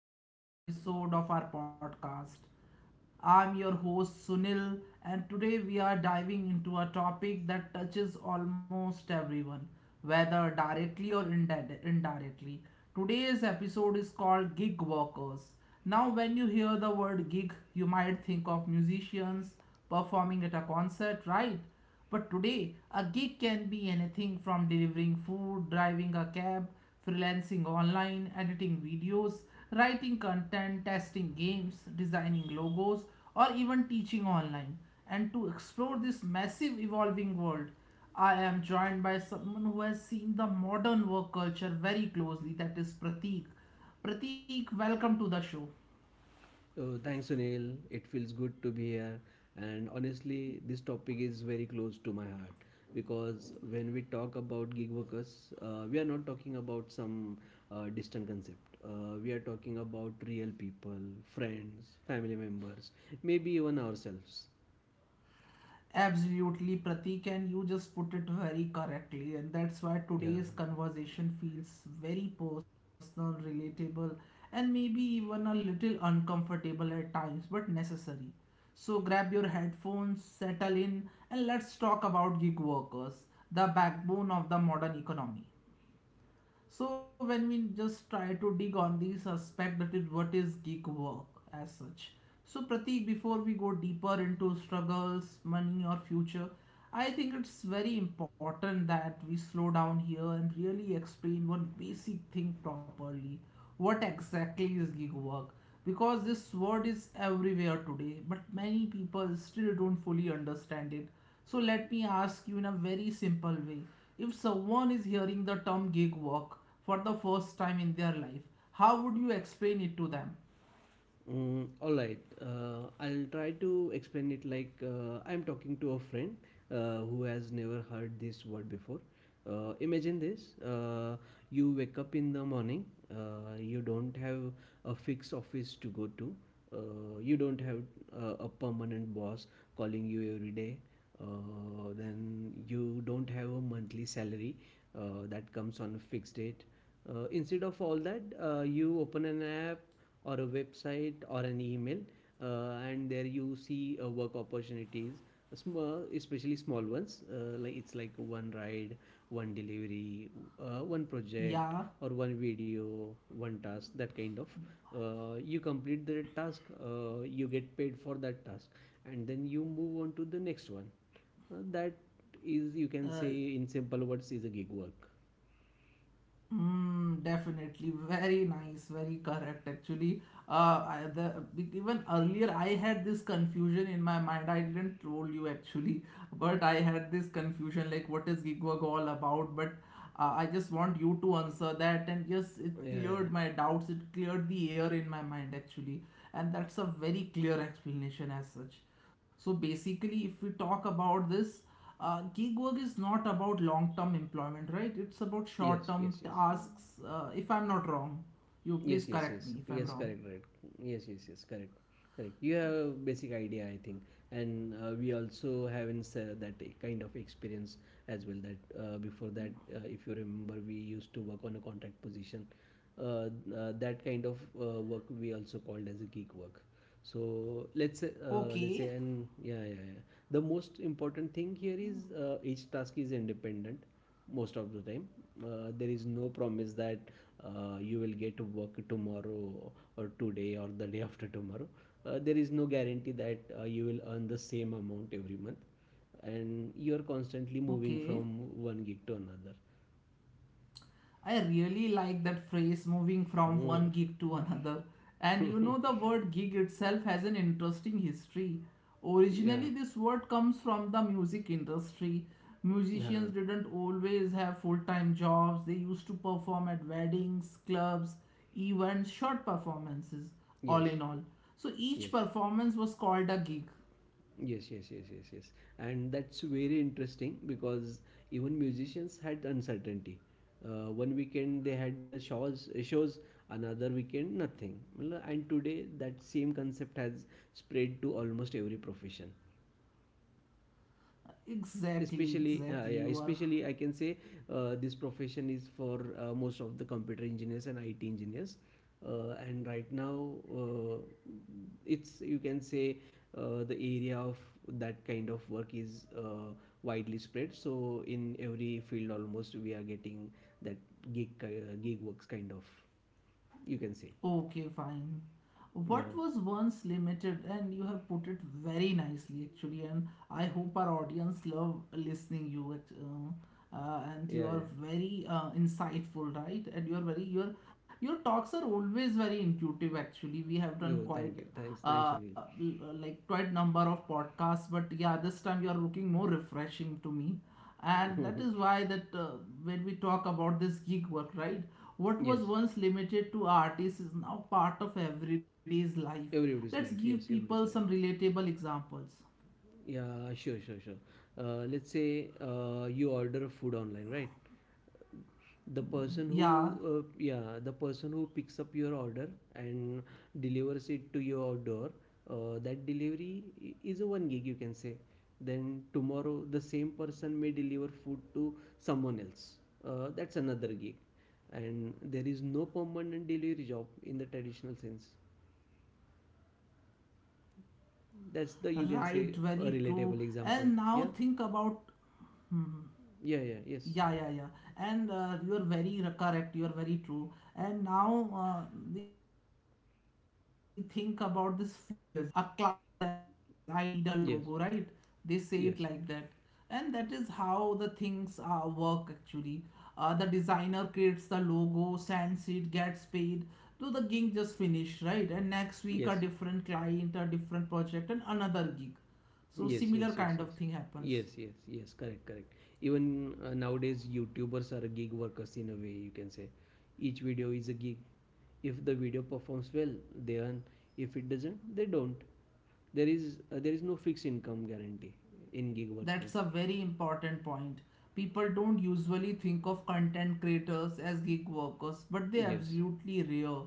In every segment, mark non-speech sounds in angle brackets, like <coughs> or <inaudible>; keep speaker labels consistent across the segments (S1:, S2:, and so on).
S1: back to another episode of our podcast. I'm your host Sunil, and today we are diving into a topic that touches almost everyone, whether directly or indirectly. Today's episode is called Gig Workers. Now, when you hear the word gig, you might think of musicians performing at a concert, right? But today, a gig can be anything from delivering food, driving a cab, freelancing online, editing videos, writing content, testing games, designing logos, or even teaching online. And to explore this massive evolving world, I am joined by someone who has seen the modern work culture very closely, that is Prateek. Prateek, welcome to the show.
S2: Oh, thanks, Sunil. It feels good to be here. And honestly, this topic is very close to my heart because when we talk about gig workers, we are not talking about some distant concept. We are talking about real people, friends, family members, maybe even ourselves.
S1: Absolutely, Pratik, and you just put it very correctly, and that's why
S2: Yeah.
S1: today's conversation feels very personal, relatable, and maybe even a little uncomfortable at times, but necessary. So grab your headphones, settle in, and let's talk about gig workers, the backbone of the modern economy. So when we just try to dig on these aspect that is what is gig work as such. So Pratik, before we go deeper into struggles, money or future, I think it's very important that we slow down here and really explain one basic thing properly. What exactly is gig work? Because this word is everywhere today, but many people still don't fully understand it. So let me ask you in a very simple way. If someone is hearing the term gig work for the first time in their life, how would you explain it to them?
S2: Mm, all right. I'll try to explain it like I'm talking to a friend who has never heard this word before. Imagine this: you wake up in the morning. You don't have a fixed office to go to. You don't have a permanent boss calling you every day. Then you don't have a monthly salary that comes on a fixed date. Instead of all that, you open an app or a website or an email, and there you see work opportunities, small especially small ones, like it's like one ride, one delivery, one project,
S1: Yeah.
S2: or one video, one task, that kind of. You complete the task, you get paid for that task, and then you move on to the next one. Uh, that is, you can say,
S1: uh,
S2: in simple words, is a gig work.
S1: Definitely. Very nice. Very correct, actually. Uh, I, the, Even earlier, I had this confusion in my mind. I didn't troll you, actually, but I had this confusion like, what is gig work all about? But I just want you to answer that. And yes, it
S2: Yeah,
S1: cleared
S2: yeah.
S1: my doubts. It cleared the air in my mind, actually. And that's a very clear explanation as such. So basically, if we talk about this, gig work is not about long term employment, right? It's about short
S2: Yes,
S1: term
S2: yes, yes.
S1: tasks. If I'm not wrong, you please
S2: Yes, yes,
S1: correct me
S2: yes.
S1: if I'm
S2: Yes,
S1: wrong.
S2: correct, right. Yes, yes, yes, correct. Correct. You have a basic idea, I think, and we also haven't said that kind of experience as well. That, before that, if you remember, we used to work on a contract position. Uh, that kind of work we also called as a geek work. So
S1: Okay,
S2: let's say, and yeah, yeah, yeah. The most important thing here is, each task is independent most of the time. There is no promise that you will get work tomorrow or today or the day after tomorrow. Uh, there is no guarantee that you will earn the same amount every month, and you are constantly moving
S1: okay.
S2: from one gig to another.
S1: I really like that phrase moving from
S2: Hmm.
S1: one gig to another. And you know,
S2: <laughs>
S1: the word gig itself has an interesting history.
S2: Yeah.
S1: Originally, this word comes from the music industry.
S2: uh,
S1: Musicians didn't always have full time jobs, they used to perform at weddings, clubs, events, short performances, all
S2: yes,
S1: in all. So each
S2: yes,
S1: performance was called a gig.
S2: yes, yes, yes, yes, yes, and that's very interesting because even musicians had uncertainty. One weekend they had shows, another weekend nothing. Well, and today that same concept has spread to almost every profession,
S1: Exactly,
S2: especially.
S1: exactly.
S2: Yeah,
S1: You are
S2: especially, I can say, this profession is for, most of the computer engineers and IT engineers, and right now, it's, you can say, the area of that kind of work is, widely spread, so in every field almost we are getting that gig works kind of, you can say.
S1: Okay, fine.
S2: Yeah,
S1: What was once limited, and you have put it very nicely, actually. And I hope our audience love listening you. And you
S2: yeah,
S1: are
S2: yeah.
S1: very insightful, right? And you are very your talks are always very intuitive. Actually, we have done
S2: No,
S1: quite
S2: thank you. Thanks, thanks, Sunil.
S1: l- like quite number of podcasts, but yeah, this time you are looking more refreshing to me. And that is
S2: <laughs>
S1: why that when we talk about this gig work, right? What
S2: Yes,
S1: was once limited to artists is now part of everyday's life. Let's
S2: everybody's life.
S1: give
S2: Yes,
S1: people
S2: everybody's
S1: some
S2: life.
S1: relatable examples.
S2: Yeah, sure, sure, sure. Let's say you order a food online, right? The person who,
S1: Yeah,
S2: yeah, the person who picks up your order and delivers it to your door, that is a one gig, you can say. Then tomorrow, the same person may deliver food to someone else. That's another gig, and there is no permanent delivery job in the traditional sense. That's the, you can
S1: right,
S2: say, a
S1: very
S2: relatable
S1: true.
S2: example.
S1: And
S2: Yeah,
S1: now think about. hmm,
S2: yeah, yeah, yes.
S1: Yeah, yeah, yeah. And you are very correct. You are very true. And now, we think about this freelance graphic designer. A client contacts them and says, I
S2: Yes,
S1: need a logo, right? They say
S2: yes,
S1: it like that. And that is how the things work, actually. The designer creates the logo, sends it, gets paid. So the gig just finished, right? And next week, a different
S2: yes,
S1: client, a different project, and another gig. So similar
S2: yes,
S1: kind
S2: yes,
S1: of
S2: yes,
S1: thing
S2: yes,
S1: happens.
S2: yes, yes, yes, correct, correct. Even nowadays, YouTubers are gig workers in a way, you can say. Each video is a gig. If the video performs well, they earn. If it doesn't, they don't. There is no fixed income guarantee in gig working.
S1: That's a very important point. People don't usually think of content creators as gig workers, but they
S2: Yes,
S1: absolutely rare.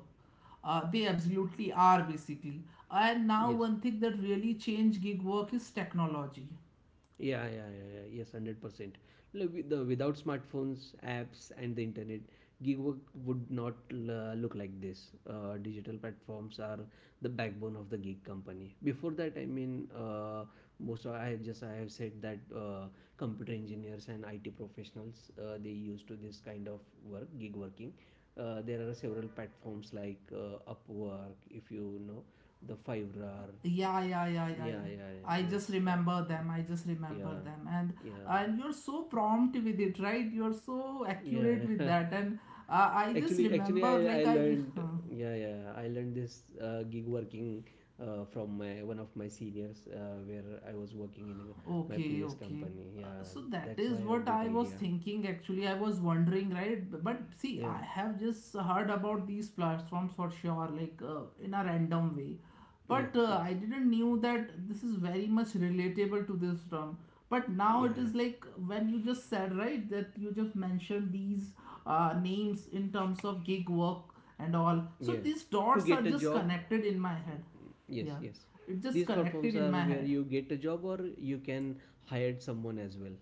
S1: They absolutely are, basically. And now
S2: yes.
S1: one thing that really changed gig work is technology.
S2: Yeah, yeah, yeah, yeah. Yes, 100%. The without smartphones, apps, and the internet, gig work would not look like this. Digital platforms are the backbone of the gig company. Before that, I mean, most of, I have said that computer engineers and IT professionals they used to this kind of work, gig working. There are several platforms like Upwork, if you know, the Fiverr.
S1: Yeah, yeah, yeah, yeah,
S2: Yeah,
S1: yeah.
S2: yeah,
S1: I
S2: yeah.
S1: just
S2: Yes.
S1: remember them. I just remember
S2: Yeah,
S1: them, and
S2: yeah,
S1: and you're so prompt with it, right? You're so
S2: yeah,
S1: accurate with
S2: yeah.
S1: that, and I
S2: <laughs>
S1: just
S2: Actually,
S1: remember
S2: I
S1: like
S2: I
S1: I <laughs>
S2: learned, yeah, yeah, I learned this gig working from my, one of my seniors, where I was working in a, my
S1: Okay,
S2: previous
S1: okay.
S2: company. Yeah,
S1: So that
S2: that's
S1: is
S2: why a
S1: what I
S2: bit
S1: was
S2: idea.
S1: thinking, actually. I was wondering, right? But see, I
S2: Yeah,
S1: have just heard about these platforms for sure, like in a random way.
S2: yes,
S1: But
S2: yes,
S1: I didn't knew that this is very much relatable to this term. But now
S2: yeah,
S1: it
S2: yeah,
S1: is like when you just said, right, that you just mentioned these names in terms of gig work and all. So
S2: yeah.
S1: these
S2: To
S1: dots are
S2: get a
S1: just
S2: job,
S1: connected in my head.
S2: yes,
S1: Yeah,
S2: yes.
S1: it just
S2: These
S1: connected
S2: platforms
S1: in
S2: are
S1: my
S2: where
S1: head.
S2: you get a job or you can hire someone as well.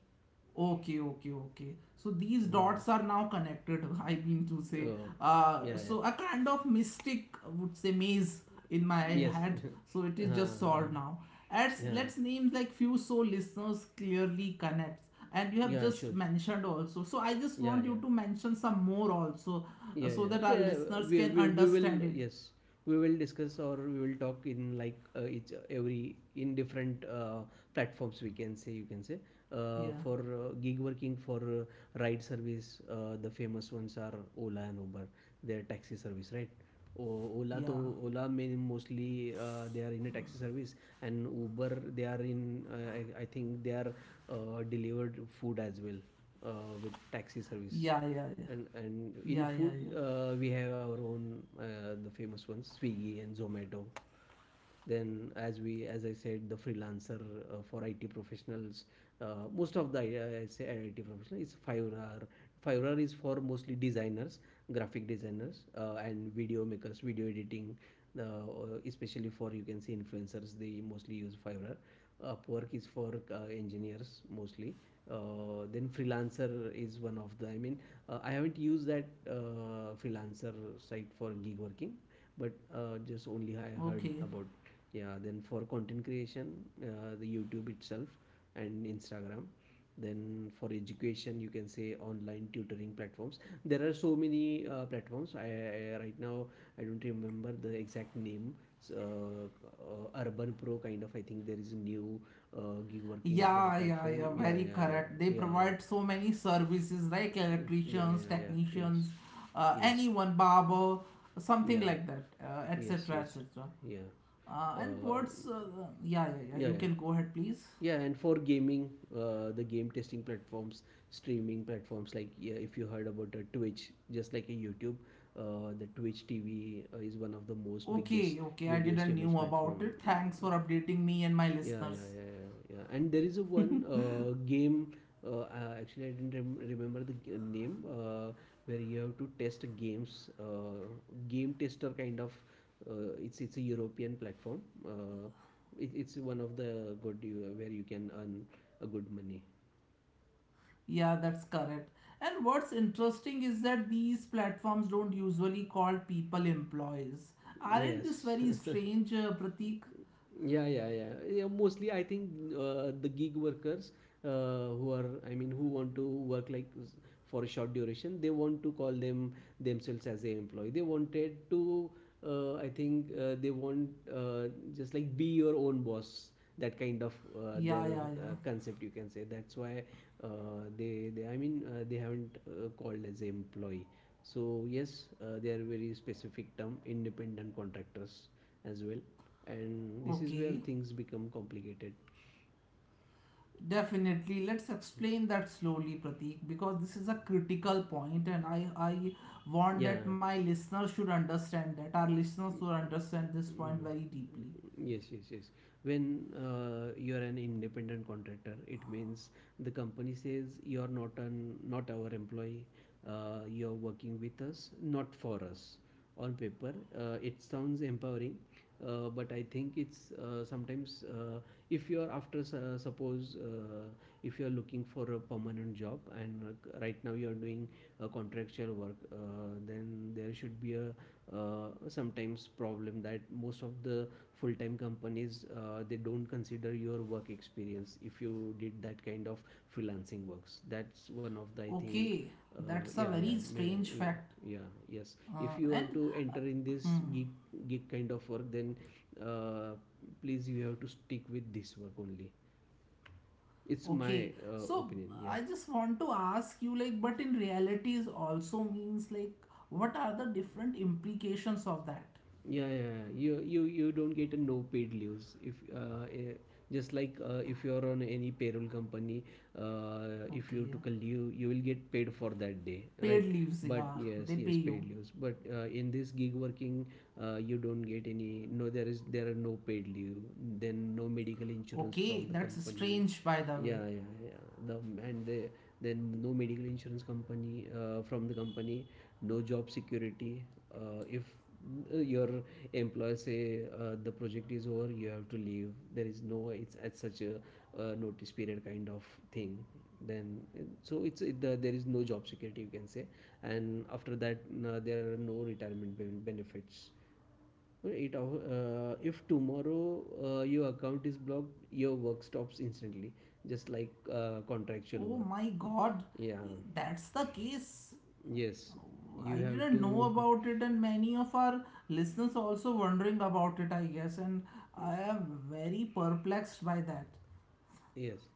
S1: Okay, okay, okay. So these
S2: Mm.
S1: dots are now connected. <laughs> I mean to say,
S2: Oh, yeah, yeah.
S1: so a kind of mystic I would say maze in my
S2: Yes.
S1: head. So it
S2: <laughs>
S1: is
S2: uh,
S1: just solved now. As
S2: yeah.
S1: let's name like few so listeners clearly connects, and you have
S2: Yeah,
S1: just
S2: sure, sure.
S1: mentioned also. So I just
S2: Yeah,
S1: want you
S2: yeah,
S1: to mention some more also,
S2: yeah,
S1: so
S2: yeah.
S1: that our
S2: Yeah,
S1: listeners
S2: we,
S1: can
S2: we, we will,
S1: understand it.
S2: yes, we will discuss, or we will talk in like each every in different platforms, we can say, you can say, uh,
S1: Yeah,
S2: for uh, gig working. For ride service, the famous ones are Ola and Uber. They're taxi service, right? Ola
S1: yeah,
S2: to Ola main mostly, they are in a taxi service, and Uber, they are in, I think they are, delivered food as well with taxi service.
S1: yeah, yeah, yeah,
S2: and
S1: yeah,
S2: and
S1: yeah,
S2: in
S1: yeah.
S2: food, we have our own, the famous ones, Swiggy and Zomato. Then, as we, as I said, the freelancer, for IT professionals, most of the, I say, IT professional, is Fiverr. Fiverr is for mostly designers, graphic designers, and video makers, video editing, especially for, you can see, influencers, they mostly use Fiverr. Upwork is for engineers mostly. Then freelancer is one of the. I mean, I haven't used that freelancer site for gig working, but just only I heard
S1: Okay.
S2: about. Yeah, then for content creation, the YouTube itself and Instagram. Then for education, you can say, online tutoring platforms. There are so many platforms. I right now I don't remember the exact name. Urban Pro kind of, I think there is a new gig working
S1: Yeah, yeah, yeah,
S2: platform.
S1: very
S2: Yeah, yeah, yeah.
S1: correct. They
S2: Yeah,
S1: provide
S2: yeah.
S1: so many services like
S2: Mm, yeah,
S1: electricians,
S2: yeah, yeah. Yes,
S1: technicians,
S2: yes.
S1: anyone, barber, something
S2: Yeah.
S1: like that,
S2: Yes,
S1: etc.,
S2: yes.
S1: etc.
S2: Yeah.
S1: And
S2: uh,
S1: what's, yeah, yeah, yeah,
S2: yeah,
S1: you
S2: yeah.
S1: can go ahead, please.
S2: Yeah, and for gaming, the game testing platforms, streaming platforms like, yeah, if you heard about Twitch, just like a YouTube, the Twitch TV is one of the most biggest
S1: Okay, okay, I
S2: video
S1: didn't
S2: streamers
S1: knew about
S2: platform.
S1: it. Thanks for updating me and my
S2: Yeah, yeah,
S1: listeners.
S2: yeah, yeah, yeah. And there is a one game. Actually, I didn't remember the g name, where you have to test games. Game tester kind of. It's a European platform. It's one of the good you, where you can earn a good money.
S1: Yeah, that's correct. And what's interesting is that these platforms don't usually call people employees. Aren't this
S2: Yes.
S1: very
S2: <laughs>
S1: strange, Pratik?
S2: Yeah, yeah, yeah. Yeah, mostly I think the gig workers who are, I mean, who want to work like for a short duration, they want to call them themselves as a employee. They wanted to, I think, they want, just like, be your own boss. That kind of
S1: Yeah,
S2: their
S1: yeah, yeah.
S2: concept, you can say. That's why they, I mean, they haven't called as employee. So yes, they are very specific term, independent contractors as well, and this is where
S1: Okay,
S2: things become complicated.
S1: definitely. Let's explain that slowly, Pratik, because this is a critical point, and I want
S2: Yeah.
S1: that my listeners should understand that our listeners should understand this point
S2: Mm,
S1: very deeply.
S2: yes, yes, yes. When you're an independent contractor, it means the company says you're not an, not our employee, you're working with us, not for us. On paper, it sounds empowering, but I think it's, sometimes, if you are after, suppose, if you are looking for a permanent job and, right now you are doing a contractual work, then there should be a, sometimes problem that most of the full time companies they don't consider your work experience if you did that kind of freelancing works. That's one of the, I think.
S1: Okay, that's a
S2: Yeah, yeah,
S1: very
S2: may,
S1: strange
S2: yeah,
S1: fact,
S2: yeah, yes. If
S1: uh,
S2: you
S1: and.
S2: want to
S1: uh,
S2: enter in this
S1: hmm,
S2: geek kind of work, then, uh, please, you have to stick with this work only. It's my
S1: Okay, so
S2: opinion. Yeah.
S1: I just want to ask you like, but in reality is also means like, what are the different implications of that?
S2: Yeah, yeah, yeah. You, you don't get a, no paid leaves if, just like, if you're on any payroll company, if you
S1: Okay,
S2: took a leave, you will get paid for that day,
S1: paid
S2: right?
S1: leaves,
S2: But
S1: yeah,
S2: yes,
S1: they pay
S2: yes, paid
S1: you.
S2: leaves. But in this gig working, you don't get any. No, there are no paid leave. Then no medical insurance from
S1: Okay,
S2: the
S1: that's
S2: company.
S1: strange, by the way.
S2: Yeah, yeah, yeah. The And then no medical insurance company from the company, no job security. If your employer say, the project is over, you have to leave. There is no, it's at such a, notice period kind of thing. Then there is no job security, you can say. And after that, there are no retirement benefits. Well, it if tomorrow your account is blocked, your work stops instantly, just like contractual
S1: Oh
S2: work.
S1: my god,
S2: Yeah,
S1: that's the case.
S2: yes,
S1: Oh, I
S2: you have
S1: didn't know
S2: to.
S1: about it, and many of our listeners also wondering about it, I guess, and I am very perplexed by that.
S2: <laughs> Yes.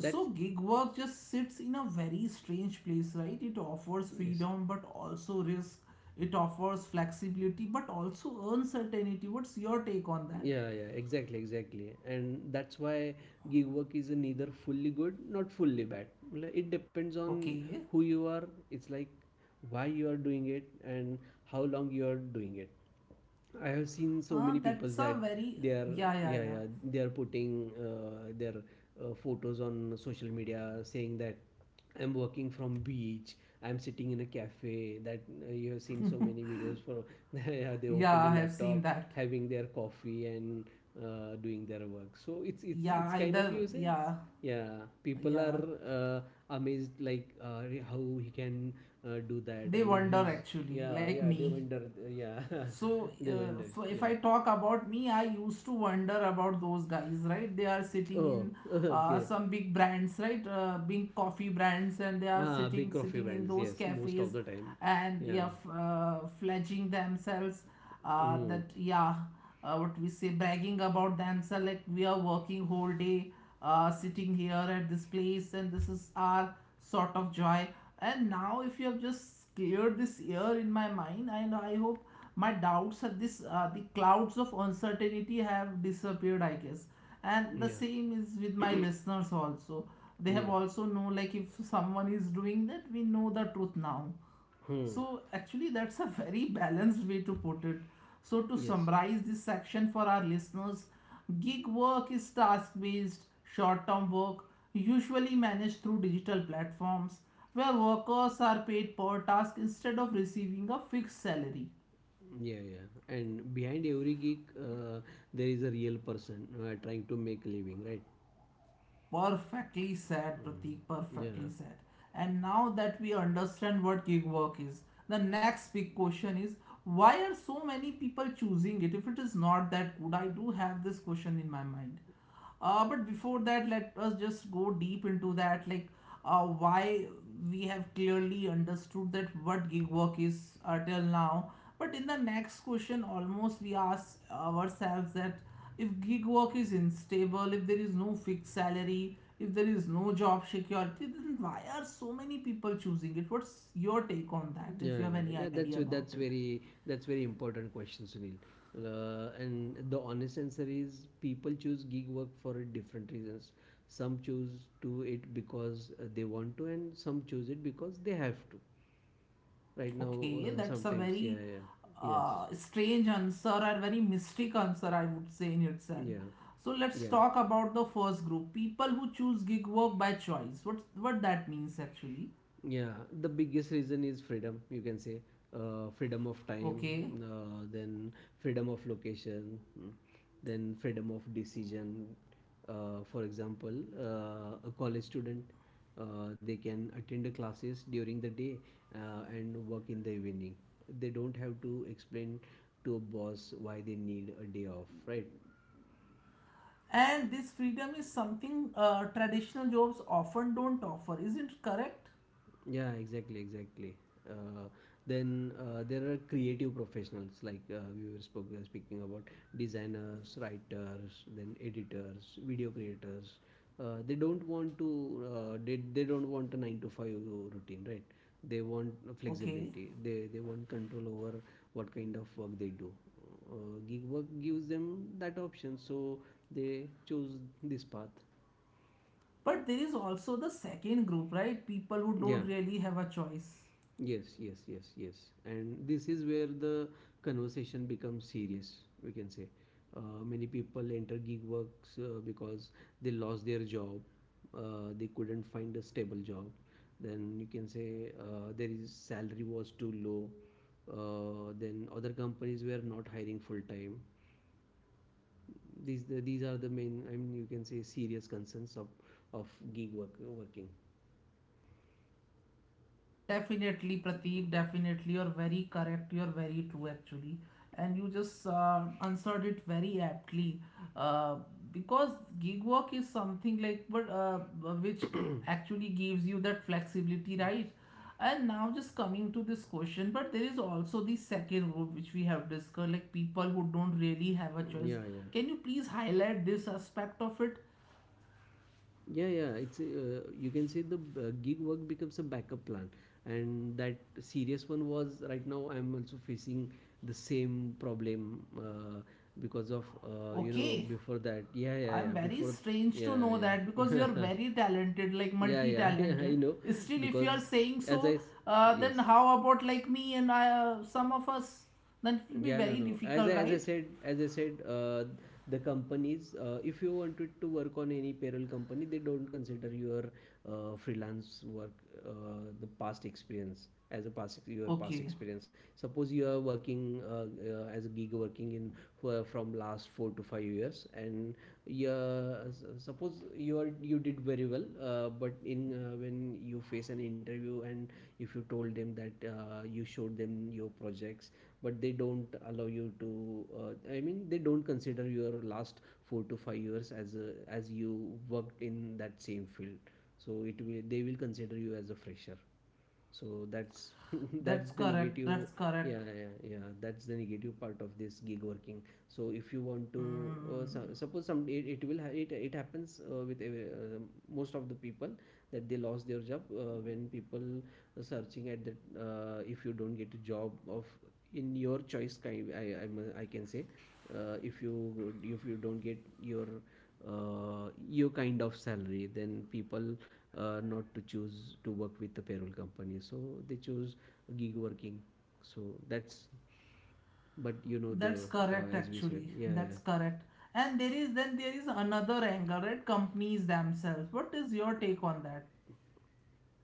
S1: So,
S2: <laughs> That's.
S1: gig work just sits in a very strange place, right? It offers
S2: Yes.
S1: freedom but also risk, it offers flexibility but also uncertainty. What's your take on that?
S2: Yeah, yeah, exactly, exactly. And that's why gig work is neither fully good, not fully bad. Like, it depends on
S1: Okay,
S2: who you are. It's like why you are doing it and how long you are doing it. I have seen so many
S1: that's
S2: people
S1: a
S2: that
S1: very
S2: they are,
S1: yeah, yeah,
S2: yeah,
S1: yeah.
S2: yeah, they are putting their photos on social media, saying that I'm working from beach, I'm sitting in a cafe, that you have seen so many videos for. <laughs> Yeah, they
S1: Yeah,
S2: opened a
S1: I have seen
S2: laptop
S1: that.
S2: having their coffee and doing their work. So it's it's
S1: Yeah,
S2: it's kind of
S1: either
S2: uses.
S1: yeah,
S2: Yeah, people are
S1: yeah.
S2: uh, amazed, like how he can do that. I
S1: They
S2: mean,
S1: wonder
S2: he's,
S1: actually,
S2: yeah,
S1: like
S2: yeah, they
S1: me.
S2: wonder, yeah. <laughs>
S1: So,
S2: They vendor,
S1: f if I
S2: yeah.
S1: talk about me, I used to wonder about those guys, right? They are sitting
S2: Oh,
S1: in
S2: <laughs> okay.
S1: some big brands, right? Big coffee brands, and they are
S2: Ah, big
S1: sitting
S2: coffee
S1: sitting in
S2: brands,
S1: those
S2: yes, most of
S1: cafes,
S2: the time.
S1: and yeah,
S2: Yeah.
S1: fledging themselves.
S2: Mm,
S1: That Yeah, what we say, bragging about themselves like we are working whole day, sitting here at this place, and this is our sort of joy. And now, if you have just cleared this year in my mind, and I hope my doubts at this the clouds of uncertainty have disappeared, I guess, and the
S2: yeah.
S1: same is with my
S2: <coughs>
S1: listeners also.
S2: <clears throat>
S1: They have
S2: Yeah.
S1: also know, like, if someone is doing that, we know the truth now.
S2: Hmm.
S1: So, actually, that's a very balanced way to put it. So, to
S2: Yes.
S1: summarize this section for our listeners, gig work is task based, short term work, usually managed through digital platforms, where workers are paid per task instead of receiving a fixed salary.
S2: Yeah, yeah. And behind every gig, there is a real person trying to make a living, right?
S1: Perfectly said, Pratik,
S2: Mm,
S1: perfectly
S2: yeah.
S1: said. And now that we understand what gig work is, the next big question is why are so many people choosing it if it is not that good? I do have this question in my mind. But before that, let us just go deep into that. Like, why we have clearly understood that what gig work is, till now. But in the next question almost we ask ourselves that if gig work is unstable, if there is no fixed salary, if there is no job security, then why are so many people choosing it? What's your take on that,
S2: Yeah, yeah,
S1: if you have
S2: yeah.
S1: any
S2: Yeah,
S1: idea
S2: That's
S1: about
S2: that's
S1: it?
S2: very that's very important question, Sunil. And the honest answer is people choose gig work for different reasons. Some choose to it because they want to, and some choose it because they have to. Right now,
S1: Okay, that's a
S2: sometimes, yeah,
S1: very
S2: yeah, yes,
S1: strange answer or very mystic answer, I would say in itself.
S2: yeah,
S1: So let's
S2: yeah.
S1: talk about the first group, people who choose gig work by choice. What that means actually?
S2: Yeah, the biggest reason is freedom, you can say. Freedom of time,
S1: Okay,
S2: then freedom of location, then freedom of decision. For example, a college student, they can attend the classes during the day and work in the evening. They don't have to explain to a boss why they need a day off, right?
S1: and this freedom is something traditional jobs often don't offer. Is it correct?
S2: Yeah, exactly, exactly. Uh, then there are creative professionals, like, speaking about designers, writers, then editors, video creators. They don't want a 9 to 5 routine, right? They want
S1: Okay,
S2: flexibility. They want control over what kind of work they do. Gig work gives them that option, so they choose this path.
S1: but there is also the second group, right? People who don't
S2: Yeah.
S1: really have a choice.
S2: Yes, yes, yes, yes. And this is where the conversation becomes serious, we can say. Many people enter gig works because they lost their job, they couldn't find a stable job. Then you can say, there is salary was too low. Then other companies were not hiring full time. These are the main, I mean, you can say, serious concerns of gig work working.
S1: Definitely, Pratik, definitely. You're very correct. You're very true, actually. And you just answered it very aptly. Uh, because gig work is something like, but which actually gives you that flexibility, right? And now, just coming to this question, but there is also the second group which we have discussed, like people who don't really have a
S2: Mm, yeah,
S1: choice.
S2: yeah.
S1: Can you please highlight this aspect of it?
S2: Yeah, yeah. It's, you can say, the, gig work becomes a backup plan, and that serious one was right now. I'm also facing the same problem, because of
S1: Okay.
S2: before that. Yeah, yeah,
S1: I'm
S2: yeah.
S1: very
S2: Before,
S1: strange to know
S2: yeah,
S1: that because
S2: yeah,
S1: you're
S2: <laughs>
S1: very talented, like
S2: yeah,
S1: multi
S2: yeah, yeah. I
S1: talented.
S2: know,
S1: Still, if you're
S2: because
S1: saying so, then
S2: yes.
S1: how about like me and I, some of us? Then it will be
S2: Yeah, no,
S1: very
S2: no. As I,
S1: difficult,
S2: as I
S1: right?
S2: said, as I said, the companies, if you wanted to work on any payroll company, they don't consider your freelance work, the past experience as a your past
S1: Okay,
S2: experience. Suppose you are working as a gig working in for, from last 4 to 5 years, and you, uh, suppose you are, you did very well, but in when you face an interview, and if you told them that, you showed them your projects, but they don't allow you to, uh, I mean, they don't consider your last 4 to 5 years as as you worked in that same field. So it will they will consider you as a fresher. So that's, <laughs>
S1: that's
S2: that's the
S1: correct. That's
S2: negative.
S1: correct.
S2: Yeah, yeah, yeah, that's the negative part of this gig working. So if you want to,
S1: Mm,
S2: so, suppose some, it will it happens with most of the people, that they lost their job, when people searching at that, if you don't get a job of in your choice kind, I can say, if you don't get your, your kind of salary, then people, not to choose to work with the payroll company. So they choose gig working. So that's, but you know
S1: that's
S2: the,
S1: correct,
S2: as we said,
S1: actually.
S2: yeah, yeah.
S1: That's correct. And there is another angle, right? Companies themselves. What is your take on that?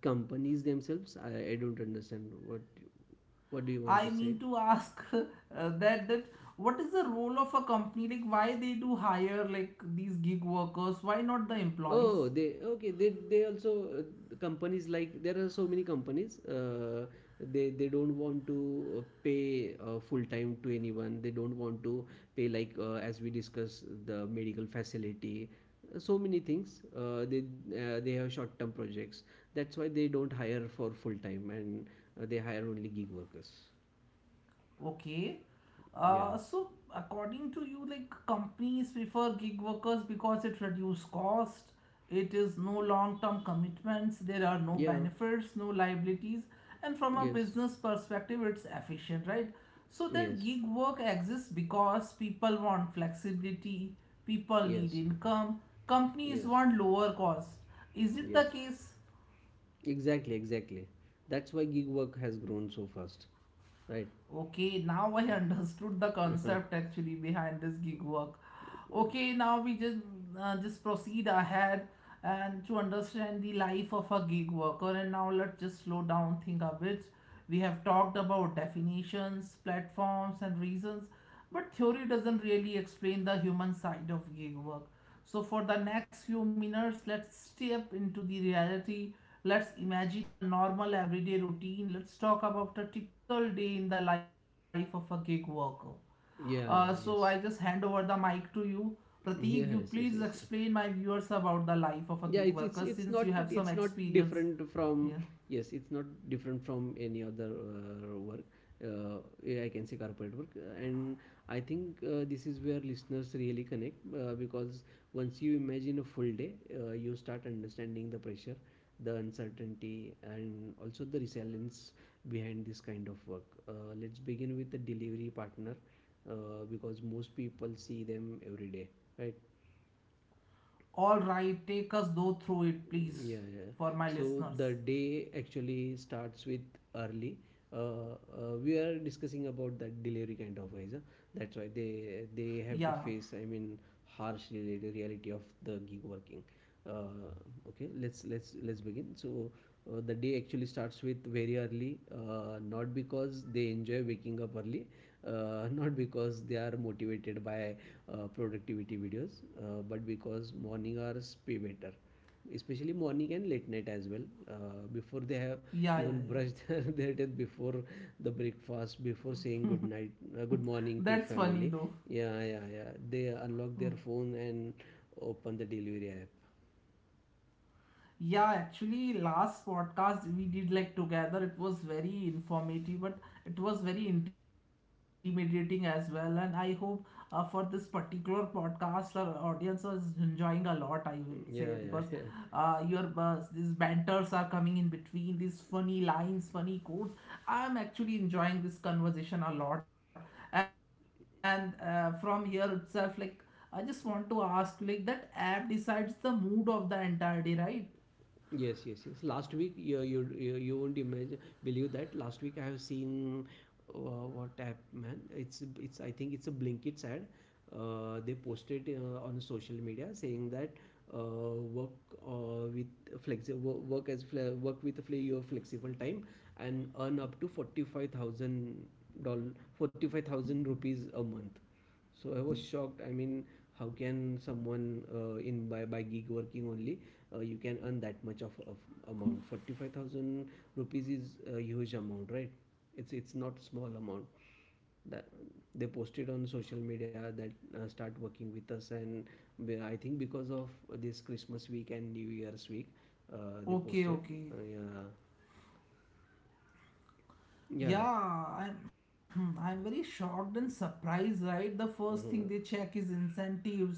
S2: Companies themselves, I don't understand what do you want to
S1: I
S2: say.
S1: mean to ask <laughs> that that what is the role of a company? Like why they do hire like these gig workers? Why not the
S2: Oh,
S1: employees?
S2: they, okay. They also, companies, like there are so many companies. They don't want to, pay full time to anyone. They don't want to pay like, as we discussed, the medical facility. So many things. Uh, they they have short term projects. That's why they don't hire for full time and they hire only gig workers.
S1: Okay.
S2: Yeah.
S1: So according to you, like companies prefer gig workers because it reduces cost, it is no long-term commitments, there are no
S2: Yeah.
S1: benefits, no liabilities, and from a
S2: Yes.
S1: business perspective, it's efficient, right? So then
S2: Yes.
S1: gig work exists because people want flexibility, people need
S2: Yes.
S1: income, companies
S2: Yes.
S1: want lower cost. Is it
S2: Yes.
S1: the case?
S2: Exactly, exactly. That's why gig work has grown so fast, right?
S1: Okay, now I understood the
S2: <laughs> Yeah,
S1: concept actually behind this gig work. Okay, now we just proceed ahead and to understand the life of a gig worker. And now let's just slow down, think a bit. We have talked about definitions, platforms, and reasons, but theory doesn't really explain the human side of gig work. So for the next few minutes, let's step into the reality. Let's imagine a normal everyday routine. Let's talk about a typical day in the life of a gig worker. Uh,
S2: yeah,
S1: so I just
S2: yes.
S1: hand over the mic to you. Pratik, you
S2: Yes,
S1: please
S2: yes, yes. Yes.
S1: explain my viewers about the life of a
S2: Yeah,
S1: gig
S2: it's it's
S1: worker
S2: it's
S1: since
S2: not
S1: you have
S2: it's
S1: some
S2: not
S1: experience.
S2: different from,
S1: Yeah.
S2: yes, it's not different from any other work, uh, yeah, I can say corporate work. And I think, this is where listeners really connect, because once you imagine a full day, you start understanding the pressure, the uncertainty, and also the resilience behind this kind of work. Let's begin with the delivery partner, because most people see them every day, right?
S1: All right, take us though through it,
S2: Mm,
S1: please,
S2: yeah, yeah.
S1: for my
S2: So the
S1: listeners.
S2: day actually starts with early. Uh, we are discussing about that delivery kind of guys, huh? That's why they have to
S1: Yeah,
S2: face, I mean, harsh reality of the gig working. Uh, okay, let's begin. So, the day actually starts with very early. Not because they enjoy waking up early, <laughs> not because they are motivated by productivity videos, but because morning hours pay better, especially morning and late night as well. Before they have even
S1: yeah,
S2: brushed
S1: yeah,
S2: <laughs> their,
S1: yeah.
S2: their teeth, before the breakfast, before saying good night, good morning to
S1: That's funny
S2: family.
S1: though.
S2: Yeah, yeah, yeah, they unlock their phone and open the delivery app.
S1: Yeah, actually, last podcast we did like together. It was very informative, but it was very intimidating as well. And I hope for this particular podcast, our audience is enjoying a lot. I would say
S2: Mm,
S1: because
S2: yeah, yeah, <laughs> yeah.
S1: your these banters are coming in between these funny lines, funny quotes. I'm actually enjoying this conversation a lot. And from here itself, like I just want to ask, like that app decides the mood of the entire day, right?
S2: Yes, yes, yes. Last week, you won't imagine, believe that last week I have seen, uh, what app, man? It's I think it's a Blinkits ad. They posted, on social media, saying that, work, with flexi wo- work as fle- work with your flexible time and earn up to 45,000 thousand dollars 45,000 rupees a month. So I was shocked. I mean, how can someone, in by gig working only, you can earn that much of, amount? 45,000 rupees is a huge amount, right? It's not small amount. That they posted on social media that, start working with us, and, I think because of this Christmas week and New Year's week, they posted.
S1: Okay, okay.
S2: Yeah, yeah.
S1: Yeah, I'm <clears throat> I'm very shocked and surprised, right? The first
S2: Mhm.
S1: thing they check is incentives.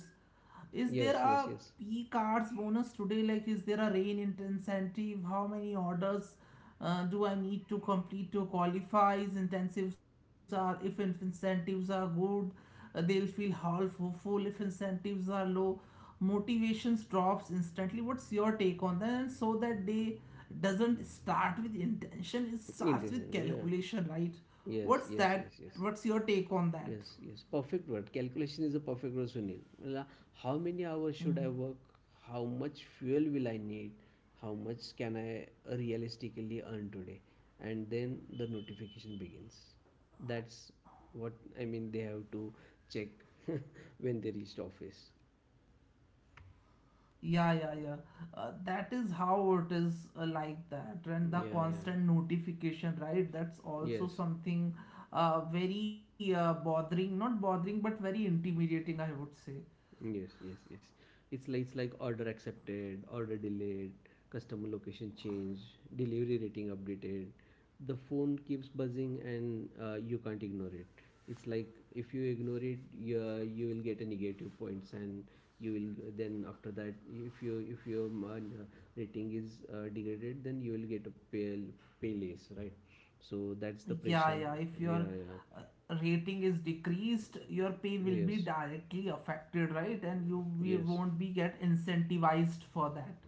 S1: Is there
S2: Yes, yes,
S1: a
S2: yes.
S1: P cards bonus today? Like, is there a incentive? How many orders do I need to complete to qualify? Is Incentives are if in- incentives are good, they'll feel half full. If incentives are low, motivations drops instantly. What's your take on that? And so that day doesn't start with intention, it starts
S2: Indecent.
S1: with
S2: Yeah.
S1: calculation, right?
S2: Yes,
S1: What's
S2: yes, yes,
S1: that?
S2: yes.
S1: What's your take on that?
S2: Yes, yes, perfect word. Calculation is a perfect word, Sunil. Well, how many hours should I work? How much fuel will I need? How much can I realistically earn today? And then the notification begins. That's what I mean. They have to check <laughs> when they reached office.
S1: Yeah, yeah, yeah. That is how it is. Like that, and the
S2: Yeah, yeah,
S1: constant notification, right? That's
S2: yes.
S1: also something very bothering not bothering, but very intimidating, I would say.
S2: Yes, yes, yes. It's like order accepted, order delayed, customer location changed, delivery rating updated. The phone keeps buzzing, and you can't ignore it. It's like, if you ignore it, you will get a negative points, and you will, then after that, if you if your rating is degraded, then you will get a pay less, right? So that's the
S1: Like, yeah,
S2: pressure.
S1: yeah. If your
S2: Yeah, yeah.
S1: uh, rating is decreased, your pay will be
S2: Yes,
S1: directly affected, right? And you we
S2: yes,
S1: won't be get incentivized for that.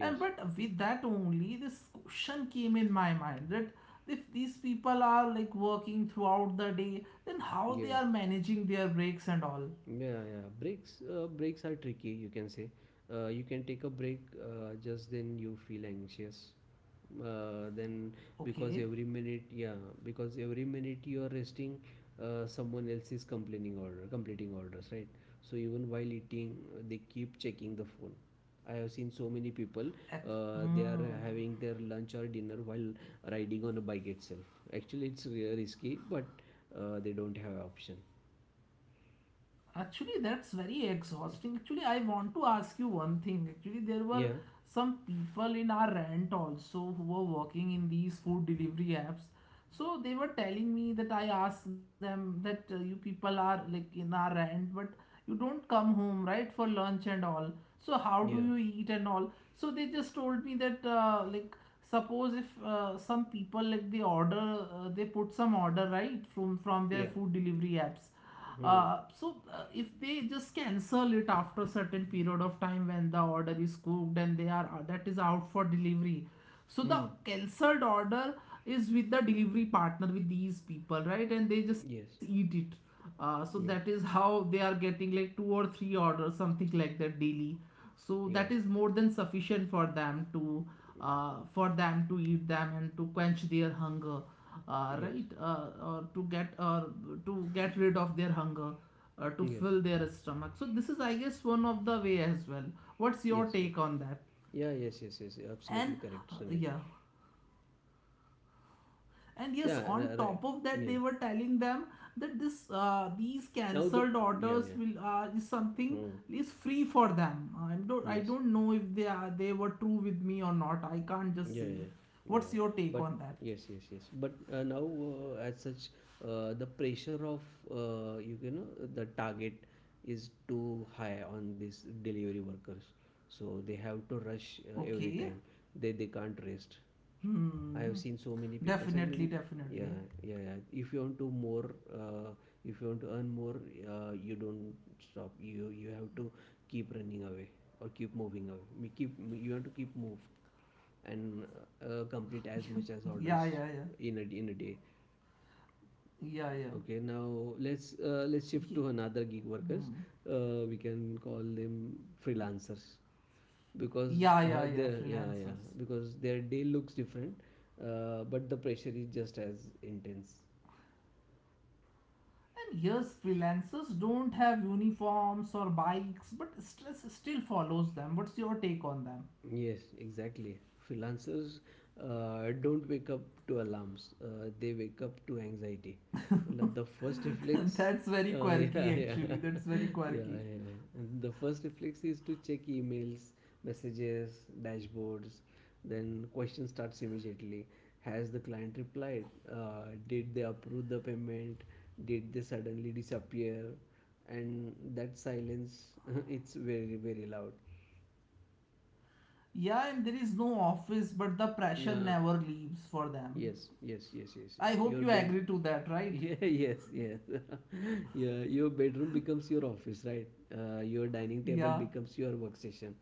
S1: And but with that only, this question came in my mind that if these people are like working throughout the day, then how they
S2: yeah.
S1: are managing their breaks and all?
S2: Yeah, yeah. Breaks are tricky, you can say. You can take a break, just then you feel anxious. Then, because
S1: Okay,
S2: every minute, yeah, because every minute you are resting, someone else is complaining order, completing orders, right? So even while eating, they keep checking the phone. I have seen so many people, they
S1: Hmm.
S2: are having their lunch or dinner while riding on a bike itself. Actually, it's risky, but they don't have option.
S1: Actually, that's very exhausting. Actually, I want to ask you one thing. Actually, there were
S2: Yeah,
S1: some people in our rent also who were working in these food delivery apps. So they were telling me that I asked them that you people are like in our end, but you don't come home right for lunch and all. So how
S2: yeah.
S1: do you eat and all? So they just told me that like suppose if some people like they order they put some order right from their
S2: Yeah.
S1: food delivery apps.
S2: Hmm.
S1: If they just cancel it after a certain period of time when the order is cooked and they are that is out for delivery, so the
S2: Mm.
S1: cancelled order is with the delivery partner with these people, right, and they
S2: Yes.
S1: just eat it. So
S2: Yes.
S1: that is how they are getting like two or three orders something like that daily, so
S2: Yeah.
S1: that is more than sufficient for them to eat them and to quench their hunger,
S2: Yes.
S1: right or to get rid of their hunger, to
S2: Yes.
S1: fill their stomach. So this is, I guess, one of the way as well. What's your
S2: Yes. Yeah.
S1: take on that?
S2: Yeah. Yes. Yes. Yes. Absolutely
S1: And
S2: correct, Sunil.
S1: yeah, and yes,
S2: Yeah.
S1: on top of that,
S2: Yeah.
S1: they were telling them that this these
S2: Now the,
S1: cancelled
S2: yeah,
S1: orders
S2: yeah.
S1: will is something
S2: Hmm.
S1: is free for them. I don't, I
S2: Yes.
S1: don't know if they are they were true with me or not, I can't just
S2: Yeah.
S1: say.
S2: Yeah.
S1: What's
S2: Yeah.
S1: your take
S2: But
S1: on that?
S2: yes. Yes. Yes. But, now, as such, the pressure of, uh, you you know the target is too high on these delivery workers, so they have to rush every
S1: Okay.
S2: time. They can't rest. I
S1: Hmm.
S2: have seen so many people. I
S1: Definitely,
S2: mean,
S1: definitely.
S2: yeah, yeah, yeah. If you want to more, If you want to earn more, you don't stop. You have to keep running away or keep moving away. Me keep you have to keep move and complete as much as orders
S1: Yeah, yeah, yeah,
S2: in a day.
S1: yeah, yeah.
S2: Okay, now let's let's
S1: Ye-
S2: shift to another gig
S1: hmm.
S2: workers. We can call them freelancers because
S1: Yeah, yeah, yeah,
S2: their yeah, yeah,
S1: freelancers.
S2: because their day looks different, but the pressure is just as intense.
S1: And yes, freelancers don't have uniforms or bikes, but stress still follows them. What's your take on them?
S2: Yes, exactly. Freelancers don't wake up to alarms. They wake up to anxiety. Like The first
S1: <laughs>
S2: reflex,
S1: That's very
S2: <laughs>
S1: quirky,
S2: yeah, yeah,
S1: actually. That's
S2: <laughs>
S1: very
S2: yeah,
S1: quirky.
S2: yeah. And the first reflex is to check emails, messages, dashboards. Then question starts immediately. Has the client replied? Did they approve the payment? Did they suddenly disappear? And that silence, <laughs> it's very, very loud.
S1: Yeah, and there is no office, but the pressure
S2: Yeah.
S1: never leaves for them.
S2: Yes, yes, yes, yes, yes.
S1: I hope you agree to that,
S2: <laughs>
S1: right?
S2: Yeah, yes, yes. <laughs> Yeah, your bedroom becomes your office, right? Your dining table
S1: Yeah.
S2: becomes your workstation.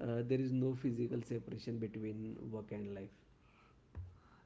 S2: There is no physical separation between work and life.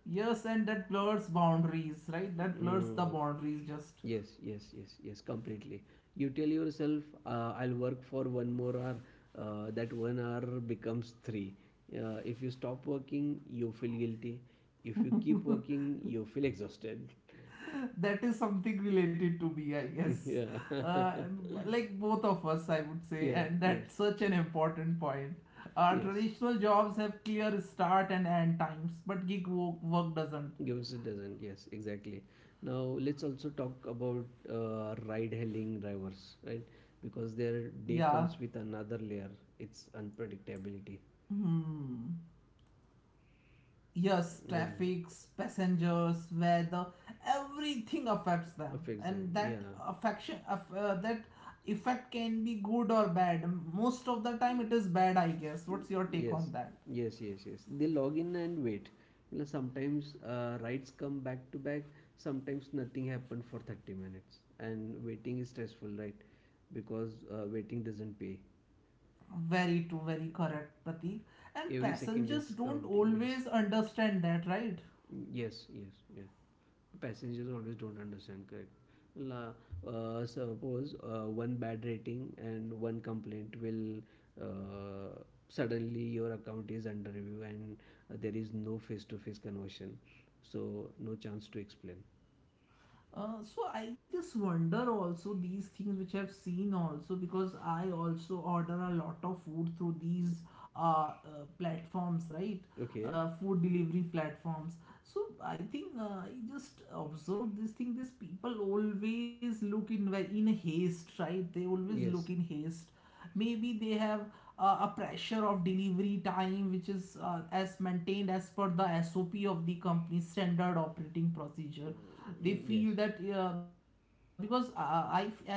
S1: Yes, and that blurs boundaries, right? That blurs the
S2: Mm.
S1: boundaries just.
S2: Yes, yes, yes, yes, completely. You tell yourself, I'll work for one more hour. That one hour becomes three. If you stop working, you feel guilty. If you keep working, you feel exhausted. <laughs>
S1: That is something related to me, I guess.
S2: Yeah.
S1: uh,
S2: <laughs>
S1: like both of us, I would say,
S2: Yeah,
S1: and that's
S2: yes.
S1: such an important point. Our
S2: Yes.
S1: traditional jobs have clear start and end times, but work doesn't.
S2: Gives it doesn't. Yes, exactly. Now let's also talk about ride hailing drivers, right? Because their day
S1: Yeah.
S2: comes with another layer. It's unpredictability.
S1: Hmm. Yes.
S2: Yeah.
S1: Traffic, passengers, weather, everything affects them,
S2: Affects them.
S1: and
S2: Yeah.
S1: that effect can be good or bad. Most of the time it is bad, I guess. What's your take on that?
S2: Yes, yes, yes. They log in and wait. Well, sometimes rides come back to back. Sometimes nothing happened for 30 minutes. And waiting is stressful, right? Because waiting doesn't pay.
S1: Very true, very correct, Pratik. And
S2: Every second
S1: passengers
S2: is
S1: don't
S2: counting. Yes,
S1: always understand that, right?
S2: yes, yes, yes. Passengers always don't understand. Correct. Well, suppose one bad rating and one complaint will uh, suddenly your account is under review, and there is no face to face conversion, so no chance to explain.
S1: So I just wonder also these things which I've seen also because I also order a lot of food through these uh, uh, platforms, right?
S2: Okay.
S1: Food delivery platforms. So I think I just observed this thing. These people always look in haste, right? They always look in
S2: Yes.
S1: haste. Maybe they have a pressure of delivery time which is as maintained as per the SOP of the company, standard operating procedure. They
S2: Mm,
S1: feel
S2: yes,
S1: that because I as long as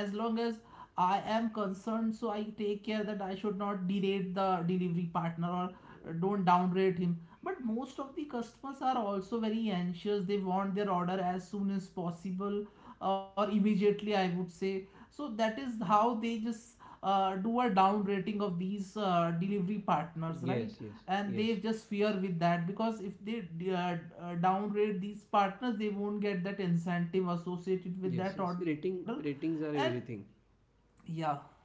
S1: I am concerned, so I take care that I should not derate the delivery partner or don't downrate him. But most of the customers are also very anxious, they want their order as soon as possible or immediately, I would say. So that is how they just do a down rating of these delivery partners, right?
S2: yes, yes,
S1: And they
S2: yes,
S1: just fear with that, because if they downgrade these partners, they won't get that incentive associated with
S2: yes,
S1: that
S2: yes,
S1: order.
S2: rating
S1: And
S2: ratings are everything,
S1: yeah,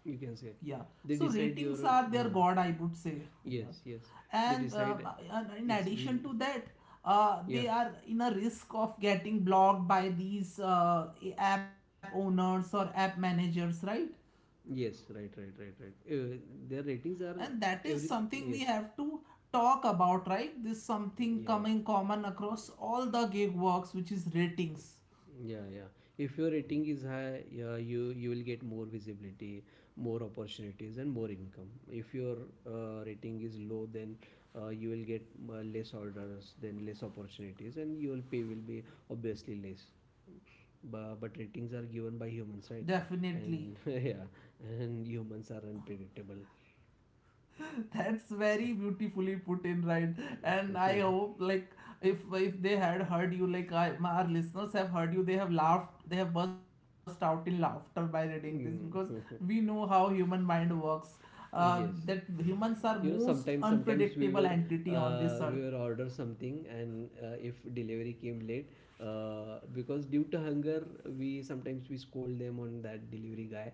S2: you
S1: yeah,
S2: can say.
S1: so
S2: They
S1: ratings
S2: decide
S1: are
S2: your
S1: their god, I
S2: uh,
S1: would say. Yeah,
S2: yes, yes. They decide
S1: and in
S2: it's
S1: addition to
S2: within.
S1: that, they
S2: Yeah.
S1: are in a risk of getting blocked by these app owners or app managers, right?
S2: Yes. Right. Right. Right. Right. Their ratings
S1: And
S2: are
S1: that is
S2: every.
S1: something we
S2: Yes.
S1: have to talk about, right? This something
S2: Yeah.
S1: coming common across all the gig works, which is ratings.
S2: Yeah. Yeah. If your rating is high, yeah, you will get more visibility, more opportunities, and more income. If your rating is low, then you will get less orders, then less opportunities, and your pay will be obviously less. But ratings are given by humans, right?
S1: Definitely.
S2: And <laughs> yeah, and humans are unpredictable.
S1: <laughs> That's very beautifully put in, right? And I
S2: <laughs>
S1: hope like if they had heard you, like I, my, our listeners have heard you, they have laughed, they have burst out in laughter by reading this, because we know how human mind works.
S2: Yes.
S1: That humans are most
S2: Sometimes we
S1: unpredictable
S2: were
S1: entity on this earth.
S2: order something and if delivery came late because due to hunger, we sometimes we scold them on that delivery guy,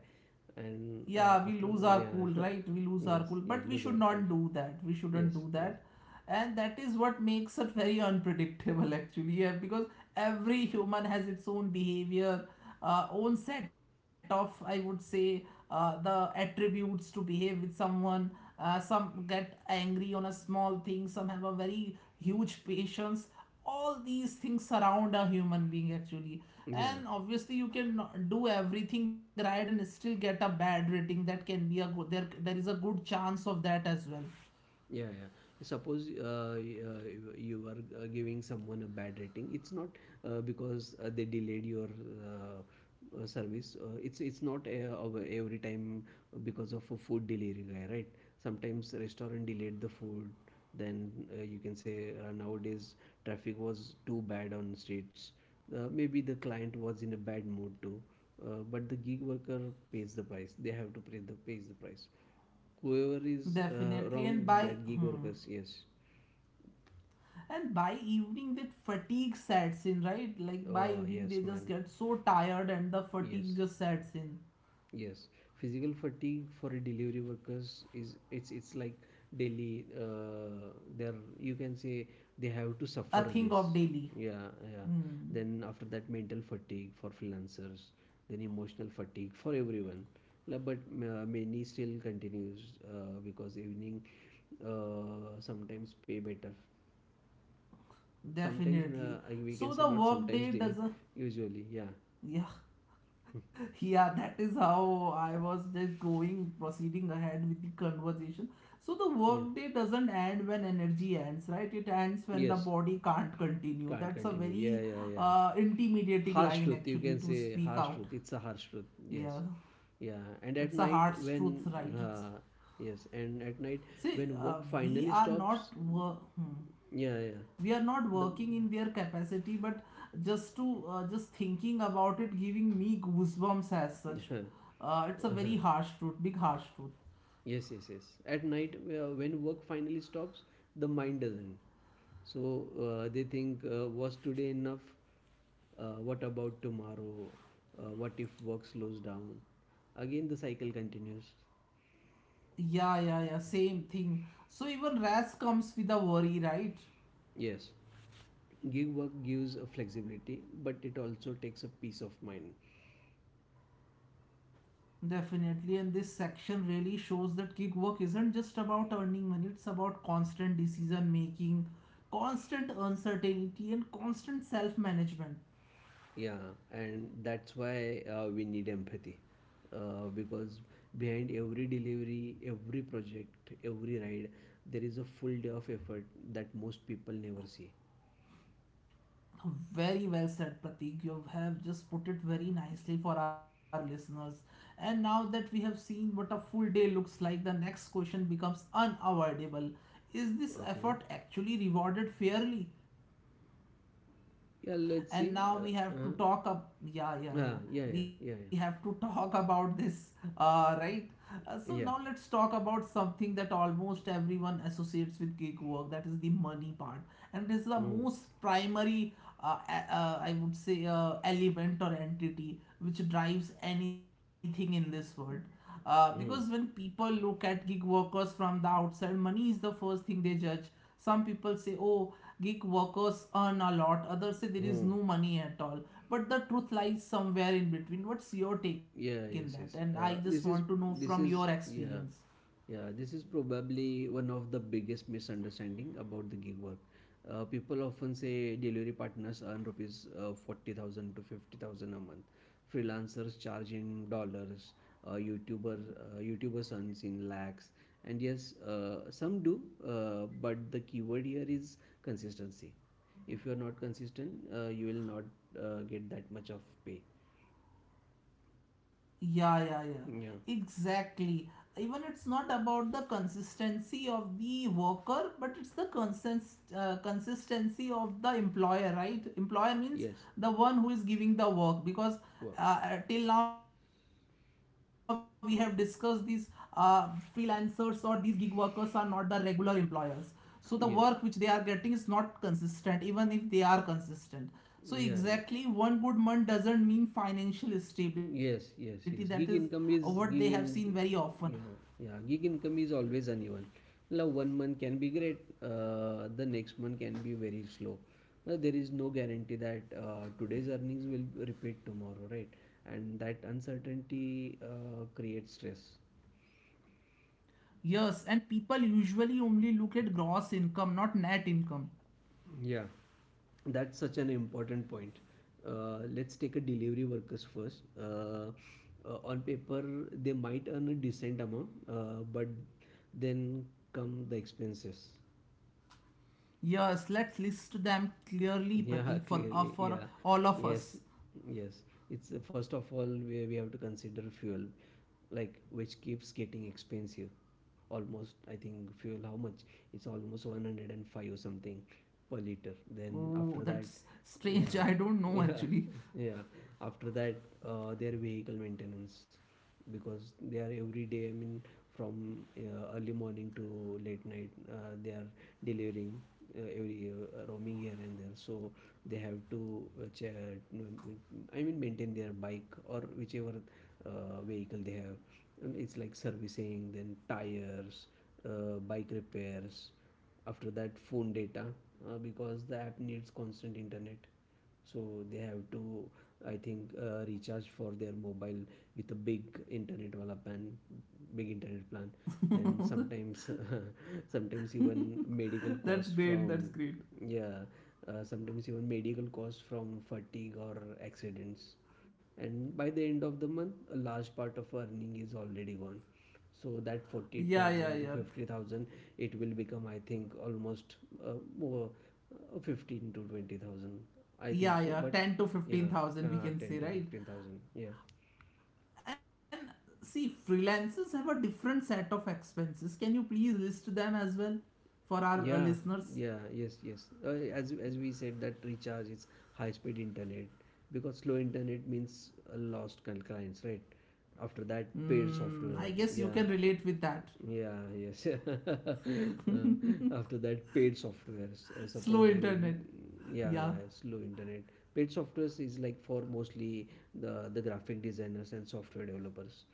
S2: and
S1: Yeah, we
S2: after.
S1: lose our cool,
S2: Yeah. <laughs>
S1: right? We lose our cool,
S2: Yes.
S1: but
S2: Yeah,
S1: we should
S2: loser
S1: not
S2: people.
S1: do that, we shouldn't
S2: Yes,
S1: do
S2: yes,
S1: that. And that is what makes it very unpredictable actually. Yeah, because every human has its own behavior, own set of, I would say, the attributes to behave with someone. Some get angry on a small thing, some have a very huge patience. All these things surround a human being actually.
S2: yeah.
S1: And obviously you can not do everything right and still get a bad rating. That can be a good, there is a good chance of that as well.
S2: Yeah, yeah. Suppose you are giving someone a bad rating. It's not because they delayed your service. It's not every time because of a food delivery guy, right? Sometimes restaurant delayed the food, then you can say, nowadays traffic was too bad on streets, maybe the client was in a bad mood too, but the gig worker pays the price, they have to pay the pays the price, whoever is
S1: Definitely.
S2: wrong,
S1: And by
S2: that gig
S1: hmm.
S2: workers. Yes.
S1: And by evening that fatigue sets in, right? Like by
S2: Oh
S1: evening they
S2: yes,
S1: just
S2: man.
S1: get so tired and the fatigue
S2: Yes.
S1: just sets in.
S2: Yes, physical fatigue for a delivery workers is it's like daily. They're, you can say, they have to
S1: A
S2: suffer
S1: thing
S2: this.
S1: of daily.
S2: Yeah, yeah.
S1: Hmm,
S2: Then after that, mental fatigue for freelancers. Then emotional fatigue for everyone. But many still continues because evening sometimes pay better. Sometimes
S1: definitely.
S2: we can say
S1: So the
S2: not
S1: work
S2: sometimes
S1: day
S2: they
S1: does a
S2: usually. Yeah,
S1: yeah yeah. That is how I was just going proceeding ahead with the conversation. So the
S2: yeah.
S1: workday doesn't end when energy ends, right? It ends when the
S2: Yes,
S1: body can't continue.
S2: can't
S1: That's a
S2: continue. Yeah,
S1: very
S2: yeah, yeah.
S1: intimidating
S2: Harsh
S1: line
S2: truth, you
S1: actually
S2: can
S1: to
S2: say.
S1: speak
S2: Harsh truth,
S1: out.
S2: it's a harsh truth. Yes.
S1: Yeah,
S2: Yeah,
S1: it's
S2: and
S1: a
S2: at
S1: harsh
S2: night
S1: truth,
S2: when
S1: right? It's
S2: uh, yes, and at night
S1: see
S2: when work
S1: we
S2: finally
S1: are not
S2: stops,
S1: wor- hmm.
S2: yeah, yeah,
S1: We are not
S2: the
S1: working in their capacity, but just to just thinking about it giving me goosebumps as such. It's
S2: <laughs>
S1: a
S2: uh
S1: very harsh truth, big harsh truth.
S2: yes, yes, yes, at night when work finally stops, the mind doesn't, so they think, was today enough, what about tomorrow, what if work slows down, again the cycle continues.
S1: Yeah, yeah, yeah, same thing. So even ras comes with a worry, right?
S2: Yes, give work gives a flexibility but it also takes a peace of mind.
S1: Definitely. And this section really shows that gig work isn't just about earning money, it's about constant decision making, constant uncertainty, and constant self management.
S2: Yeah, and that's why we need empathy because behind every delivery, every project, every ride, there is a full day of effort that most people never see.
S1: Very well said, Pratik. You have just put it very nicely for our listeners. And now that we have seen what a full day looks like, the next question becomes unavoidable. Is this effort
S2: Okay.
S1: actually rewarded fairly?
S2: Yeah, let's
S1: And
S2: see
S1: now we have to talk up, yeah, yeah,
S2: ah,
S1: yeah,
S2: yeah, yeah,
S1: we
S2: yeah,
S1: have to talk about this. Right. uh,
S2: yeah,
S1: so
S2: yeah.
S1: now let's talk about something that almost everyone associates with gig work, that is the money part. And this
S2: Mm.
S1: is the most primary I would say element or entity which drives anything in this world,
S2: Mm.
S1: because when people look at gig workers from the outside, money is the first thing they judge. Some people say, oh, gig workers earn a lot. Others say
S2: Mm.
S1: there is no money at all, but the truth lies somewhere in between. What's your
S2: Yeah,
S1: take in
S2: yes,
S1: that?
S2: yes.
S1: And I just want to know
S2: This
S1: from
S2: is
S1: your
S2: yeah,
S1: experience.
S2: yeah. This is probably one of the biggest misunderstanding about the gig work. People often say delivery partners earn rupees 40,000 to 50,000 a month. Freelancers charge in dollars. YouTubers earns in lakhs. And yes, some do, but the keyword here is consistency. If you are not consistent, you will not get that much of pay.
S1: Yeah, yeah,
S2: Yeah.
S1: yeah, exactly. Even it's not about the consistency of the worker, but it's the consistency of the employer, right? Employer
S2: Yes.
S1: means the one who is giving the work.
S2: Work.
S1: Because till now we have discussed, these uh, freelancers or these gig workers are not the regular employers, so the work
S2: Yes.
S1: which they are getting is not consistent even if they are consistent.
S2: Yeah,
S1: So
S2: yeah.
S1: exactly, one good month doesn't mean financial
S2: Yes,
S1: stability.
S2: yes,
S1: That is
S2: yes. Gig income
S1: what
S2: is
S1: they have
S2: gig
S1: seen
S2: in
S1: very often.
S2: yeah, yeah. Gig income is always uneven. Now one month can be great, the next month can be very slow. There is no guarantee that today's earnings will repeat tomorrow, right? And that uncertainty creates stress.
S1: Yes, and people usually only look at gross income, not net income.
S2: Yeah, that's such an important point. Let's take a delivery workers first. On paper, they might earn a decent amount, but then come the expenses.
S1: Yes, let's list them clearly,
S2: Yeah,
S1: Pratik,
S2: <laughs> clearly.
S1: for
S2: Yeah.
S1: all of us.
S2: Yes. Yes. It's first of all, we have to consider fuel, like which keeps getting expensive. Almost, I think fuel how much? It's almost 105 or something per liter.
S1: Oh,
S2: Then
S1: that's
S2: after that,
S1: strange. <laughs> I don't
S2: yeah,
S1: know
S2: <laughs>
S1: actually.
S2: yeah, yeah. After that, their vehicle maintenance, because they are every day, I mean, from early morning to late night, they are delivering, every roaming here and there, so they have to I mean maintain their bike or whichever vehicle they have, and it's like servicing, then tires, bike repairs. After that, phone data, because the app needs constant internet, so they have to, I think, recharge for their mobile with a big internet wala plan, big internet plan. Then
S1: <laughs>
S2: sometimes <laughs> sometimes even medical
S1: That's
S2: costs
S1: great.
S2: from,
S1: That's great.
S2: yeah, sometimes even medical costs from fatigue or accidents. And by the end of the month, a large part of earning is already gone. So that
S1: Yeah, yeah,
S2: 40,000 to
S1: yeah.
S2: 50,000 it will become, I think, almost uh, over 15 to 20,000, I think
S1: Yeah,
S2: so. But
S1: yeah. 10 to
S2: yeah,
S1: 15,000
S2: 10 to
S1: we can say,
S2: 15,000.
S1: right?
S2: Yeah.
S1: And see, freelancers have a different set of expenses. Can you please list them as well for our
S2: Yeah,
S1: listeners?
S2: yeah, yes, yes. As we said, that recharge is high speed internet, because slow internet means a lost clients, right? After that,
S1: Mm, I
S2: paid
S1: guess you can
S2: software.
S1: relate with
S2: Yeah,
S1: that.
S2: yeah, yes. <laughs> After that, paid software.
S1: <laughs>
S2: Uh,
S1: Slow
S2: suppose I
S1: internet.
S2: mean, yeah,
S1: Yeah.
S2: yeah, yeah, slow internet. Paid software is like for mostly the graphic designers and software developers,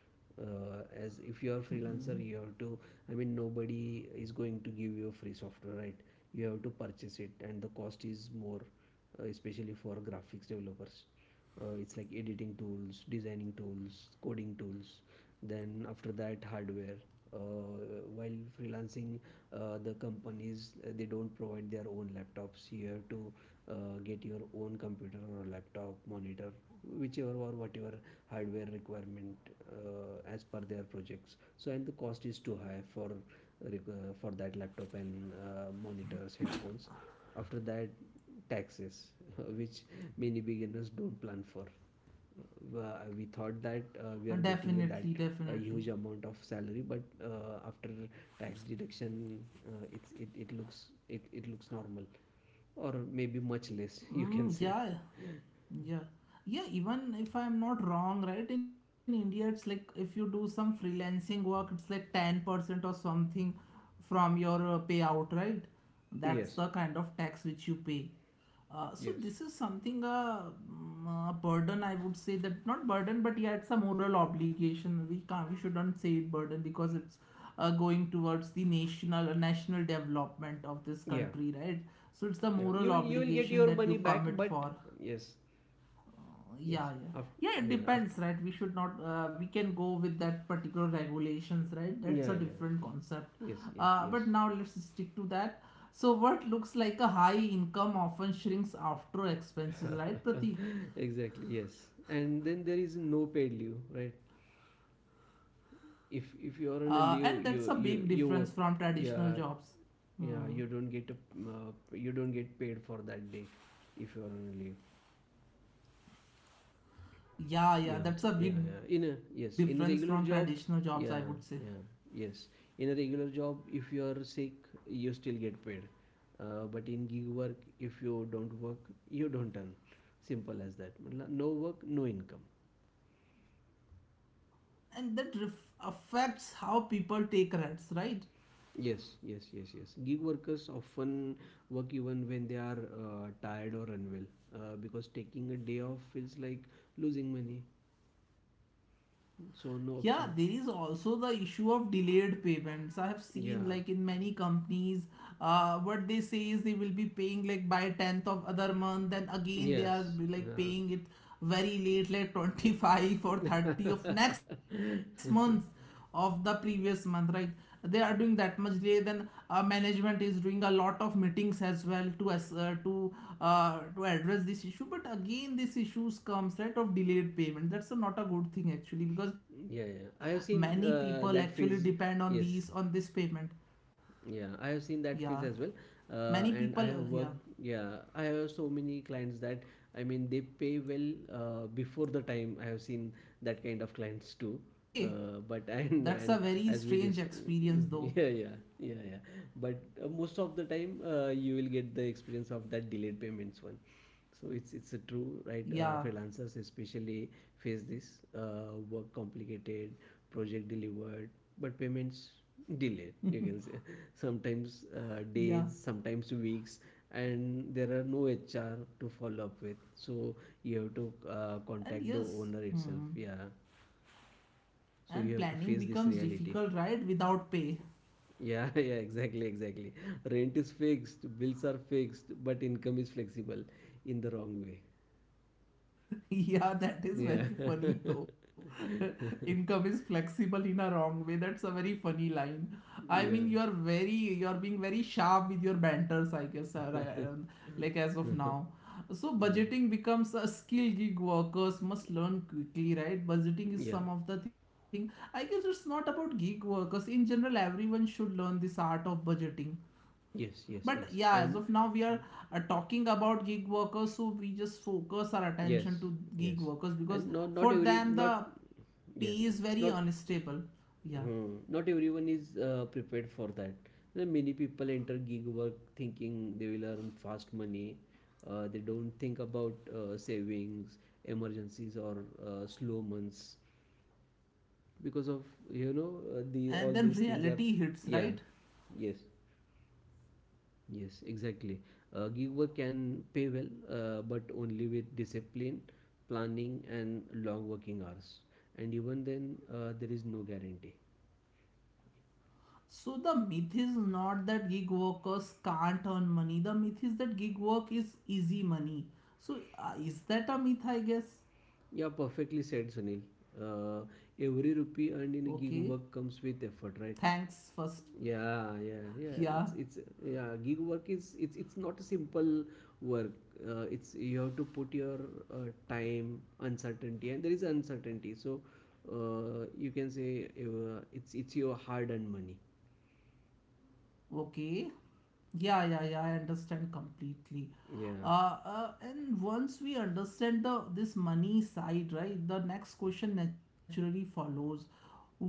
S2: as if you are a
S1: Mm.
S2: freelancer, you have to, I mean, nobody is going to give you free software, right? You have to purchase it, and the cost is more, especially for graphics developers. It's like editing tools, designing tools, coding tools. Then after that, hardware, uh, while freelancing, the companies, they don't provide their own laptops. You have to get your own computer or laptop monitor, whichever or whatever hardware requirement, as per their projects. So and the cost is too high for for that laptop, and monitors, headphones. After that, taxes <laughs> which many beginners don't plan for. We thought that we are getting that
S1: Definitely,
S2: a
S1: definitely.
S2: huge amount of salary, but after tax deduction, it looks it looks normal, or maybe much less, <laughs> you can say.
S1: Mm, yeah. Yeah. Yeah, even if I'm not wrong, right? In India, it's like if you do some freelancing work, it's like 10% or something from your payout, right? That's
S2: Yes,
S1: the kind of tax which you pay. So
S2: yes.
S1: this is something, mm, a burden, I would say. That not burden, but yeah, it's a moral obligation. We can't, we shouldn't say it burden, because it's going towards the national national development of this
S2: Yeah,
S1: country, right? So it's the
S2: yeah, you
S1: moral
S2: will, you will get
S1: obligation
S2: your
S1: that you
S2: money back,
S1: commit
S2: but
S1: for.
S2: yes, yes.
S1: Yeah, yeah,
S2: After,
S1: yeah, it
S2: yeah,
S1: depends,
S2: after,
S1: right? We should not we can go with that particular regulations, right?
S2: yeah,
S1: That's
S2: yeah.
S1: a different
S2: Yeah.
S1: concept.
S2: Yes, yes, yes.
S1: But now let's stick to that. So what looks like a high income often shrinks after expenses, right, Pratik?
S2: <laughs> exactly. Yes. And then there is no paid leave, right? if if you
S1: And
S2: are on a
S1: that's a
S2: leave,
S1: big
S2: you you
S1: difference from
S2: you
S1: traditional jobs.
S2: yeah,
S1: Hmm.
S2: yeah, you don't get paid for that day if you are on a leave.
S1: Yeah, yeah,
S2: Yeah,
S1: that's a
S2: yeah,
S1: big
S2: yeah. In
S1: difference
S2: a,
S1: from
S2: yes, in
S1: traditional
S2: a
S1: jobs,
S2: regular
S1: I would
S2: job,
S1: say.
S2: yeah, yeah, yes. In a regular job, if you are sick, you still get paid. But in gig work, if you don't work, you don't earn. Simple as that. मतलब no work, no income.
S1: And that affects how people take risks, right?
S2: Yes, yes, yes, yes. Gig workers often work even when they are tired or unwell, because taking a day off feels like losing money. So no
S1: Yeah,
S2: option.
S1: there is also the issue of delayed payments. I have
S2: Yeah.
S1: seen like in many companies, what they say is they will be paying like by 10th of other month, and again they are
S2: Yes.
S1: like
S2: Yeah.
S1: paying it very late, like 25
S2: <laughs>
S1: or 30 of next
S2: yeah,
S1: month, of the previous month, right? They are doing that much delay. Then management is doing a lot of meetings as well to as to address this issue, but again this issues comes right of delayed payment. That's a, not a good thing actually, because
S2: yeah.
S1: many
S2: I have
S1: people
S2: seen
S1: actually depend
S2: that
S1: on
S2: phase.
S1: these, on this
S2: Yes,
S1: payment.
S2: yeah, I have seen
S1: Yeah,
S2: that phase as well,
S1: many people
S2: and I have
S1: yeah.
S2: worked, yeah, I have so many clients that I mean they pay well, before the time. I have seen that kind of clients too,
S1: Okay,
S2: but <laughs> and
S1: that's
S2: and
S1: a very
S2: as we
S1: strange
S2: dis- <laughs>
S1: experience though.
S2: yeah, yeah, yeah, yeah, but most of the time you will get the experience of that delayed payments one. So it's a true, right?
S1: Yeah,
S2: Freelancers especially face this work complicated, project delivered, but payments delayed, you can say. Sometimes
S1: yeah,
S2: days, sometimes weeks. And there are no HR to follow up with, so you have to
S1: and
S2: contact the
S1: yes.
S2: owner itself,
S1: Hmm.
S2: yeah. So you
S1: And
S2: have to
S1: planning
S2: face this
S1: becomes
S2: reality.
S1: difficult, right, without pay?
S2: Yeah, <laughs> yeah, exactly, exactly. Rent is fixed, bills are fixed, but income is flexible in the wrong way.
S1: <laughs> Yeah, that is
S2: Yeah,
S1: very
S2: <laughs>
S1: funny though. <laughs> Income is flexible in a wrong way. That's a very funny line.
S2: yeah.
S1: I mean, you're very, you're being very sharp with your banters, I guess, like as of
S2: <laughs>
S1: now. So
S2: Yeah,
S1: budgeting becomes a skill gig workers must learn quickly, right? Budgeting
S2: yeah,
S1: is some of the thing. I guess it's not about gig workers. In general, everyone should learn this art of budgeting.
S2: yes, yes,
S1: But
S2: yes,
S1: yeah, as of
S2: and
S1: now, we are talking about gig workers, so we just focus our
S2: yes,
S1: attention to gig
S2: yes,
S1: workers, because
S2: and not
S1: for
S2: every
S1: them
S2: not,
S1: the pay is very
S2: yes, not,
S1: unstable. Yeah,
S2: not everyone is prepared for that. There are many people enter gig work thinking they will earn fast money. They don't think about savings, emergencies, or slow months because of you
S1: and
S2: know
S1: then
S2: the all
S1: reality
S2: these
S1: hits,
S2: things are,
S1: right?
S2: yeah, yes. Yes, exactly. A giver can pay well, but only with discipline, planning, and long working hours. And even then, there is no guarantee.
S1: So the myth is not that gig workers can't earn money. The myth is that gig work is easy money. So is that a myth? I guess.
S2: Yeah, perfectly said, Sunil. Uh, every rupee earned in a gig
S1: Okay.
S2: work comes with effort, right?
S1: Thanks first. <laughs>
S2: Yeah, yeah, yeah.
S1: Yeah.
S2: It's yeah. Gig work is it's not a simple work. It's you have to put your time, uncertainty, and there is uncertainty. So you can say it's your hard-earned money.
S1: Okay. Yeah, yeah, yeah. I understand completely.
S2: Yeah.
S1: And once we understand the this money side, right, the next question naturally follows.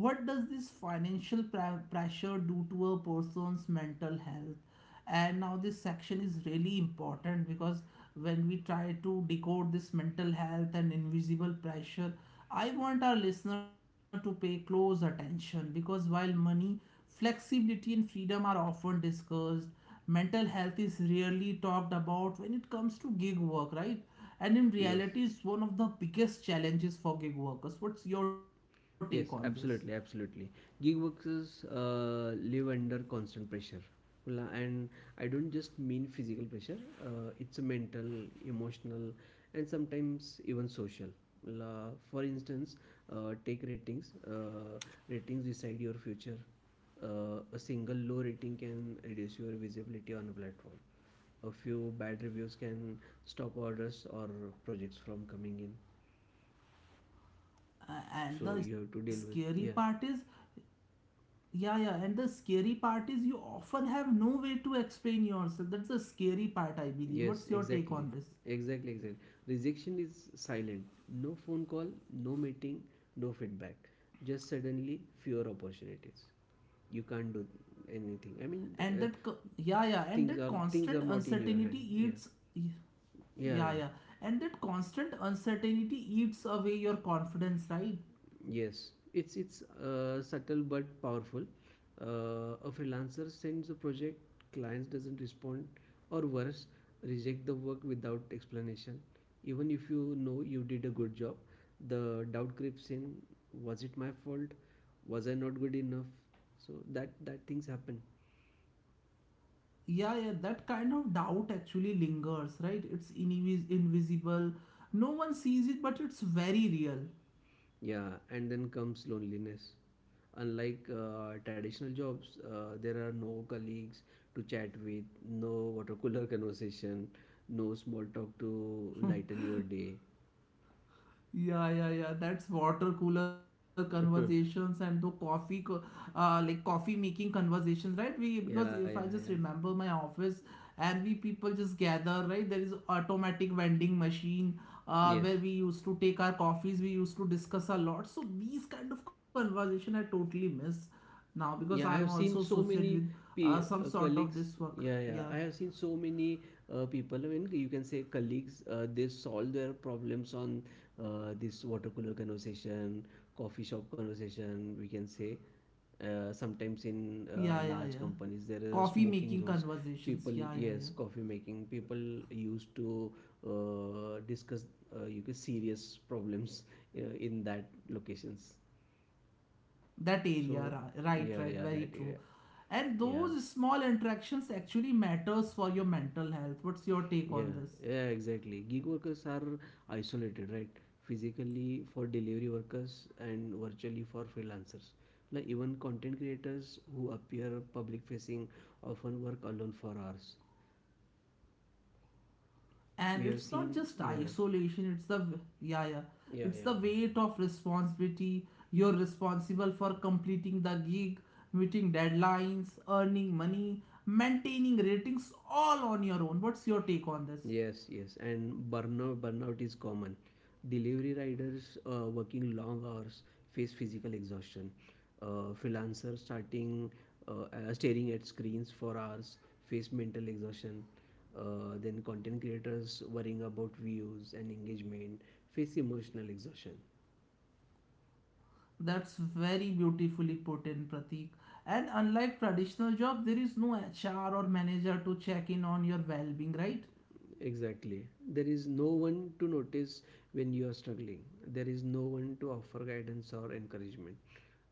S1: What does this pressure do to a person's mental health? And now this section is really important, because when we try to decode this mental health and invisible pressure, I want our listener to pay close attention, because while money, flexibility and freedom are often discussed, mental health is rarely talked about when it comes to gig work, right? And in
S2: Yes.
S1: reality it's one of the biggest challenges for gig workers. What's your take on this?
S2: Yes, absolutely, absolutely. Gig workers live under constant pressure. And I don't just mean physical pressure. It's a mental, emotional, and sometimes even social. For instance, take ratings. Ratings decide your future. A single low rating can reduce your visibility on a platform. A few bad reviews can stop orders or projects from coming in.
S1: And
S2: So
S1: the
S2: you have to deal
S1: scary
S2: with,
S1: part
S2: yeah.
S1: is, yeah, yeah, and the scary part is you often have no way to explain yourself. That's the scary part, I believe. What's
S2: Yes,
S1: your take on
S2: exactly.
S1: this?
S2: Exactly, exactly. Rejection is silent. No phone call, no meeting, no feedback. Just suddenly fewer opportunities. You can't do anything. I mean,
S1: Yeah, yeah, and that
S2: things are
S1: constant
S2: things are not in your
S1: uncertainty
S2: hand.
S1: eats,
S2: Yeah,
S1: yeah,
S2: yeah,
S1: yeah,
S2: yeah.
S1: and that constant uncertainty eats away your confidence, right?
S2: Yes, it's subtle but powerful. A freelancer sends a project, clients doesn't respond, or worse, reject the work without explanation. Even if you know you did a good job, the doubt creeps in. Was it my fault? Was I not good enough? So that things happen.
S1: Yeah, yeah, that kind of doubt actually lingers, right? It's invisible. No one sees it, but it's very real.
S2: Yeah, and then comes loneliness. Unlike traditional jobs, there are no colleagues to chat with, no water cooler <laughs> conversation, no small talk to
S1: <laughs>
S2: lighten your day.
S1: Yeah, yeah, yeah. That's water cooler
S2: <laughs>
S1: conversations and the like coffee making conversations, right? We,
S2: Yeah,
S1: because
S2: yeah,
S1: if I
S2: yeah.
S1: just remember my office and we people just gather, right? There is automatic vending machine,
S2: Yes.
S1: where we used to take our coffees. We used to discuss a lot. So these kind of conversation I totally miss now, because
S2: Yeah, I
S1: I'm
S2: have
S1: also
S2: seen so
S1: associated
S2: many
S1: with
S2: pe-
S1: some sort of this
S2: colleagues.
S1: work.
S2: Yeah, yeah,
S1: Yeah,
S2: I have seen so many people. I mean, you can say colleagues. They solve their problems on this water cooler conversation, coffee shop conversation. We can say sometimes in
S1: yeah, yeah,
S2: large
S1: yeah.
S2: companies there are
S1: Coffee
S2: smoking
S1: making
S2: zones.
S1: conversations.
S2: People,
S1: Yeah, yeah,
S2: yes,
S1: yeah.
S2: coffee making. People used to discuss, you can serious problems in that locations.
S1: That
S2: So
S1: area. Right,
S2: yeah,
S1: right,
S2: yeah,
S1: very
S2: that
S1: true.
S2: area.
S1: And
S2: Yeah,
S1: those small interactions actually matters for your mental health. What's your take on
S2: yeah,
S1: this?
S2: yeah, exactly. Gig workers are isolated, right? Physically for delivery workers and virtually for freelancers. Like even content creators who appear public facing often work alone for hours.
S1: And
S2: We have
S1: it's not
S2: seen,
S1: just
S2: yeah,
S1: isolation, it's the, yeah, yeah,
S2: yeah,
S1: it's
S2: yeah.
S1: the weight of responsibility. You're responsible for completing the gig, meeting deadlines, earning money, maintaining ratings, all on your own. What's your take on this?
S2: Yes, yes, and burnout is common. Delivery riders working long hours face physical exhaustion. Freelancers starting staring at screens for hours face mental exhaustion. Then content creators worrying about views and engagement face emotional exhaustion.
S1: That's very beautifully put in, Pratik. And unlike traditional job, there is no HR or manager to check in on your well-being, right?
S2: Exactly. There is no one to notice when you are struggling. There is no one to offer guidance or encouragement.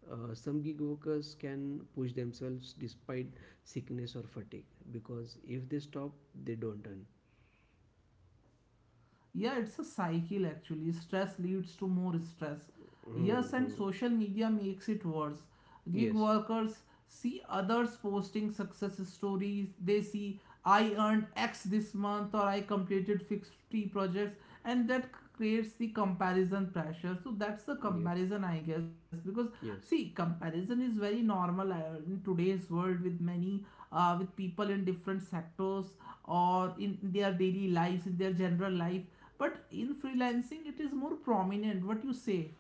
S2: Some gig workers can push themselves despite sickness or fatigue because if they stop, they don't earn.
S1: Yeah, it's a cycle actually. Stress leads to more stress. Yes, and
S2: Hmm.
S1: social media makes it worse. Gig
S2: Yes.
S1: workers see others posting success stories. They see I earned X this month or I completed 50 projects, and that creates the comparison pressure. So that's the
S2: Yeah.
S1: comparison, I guess, because
S2: Yes.
S1: see, comparison is very normal in today's world with many with people in different sectors or in their daily lives, in their general life, but in freelancing it is more prominent. What you say?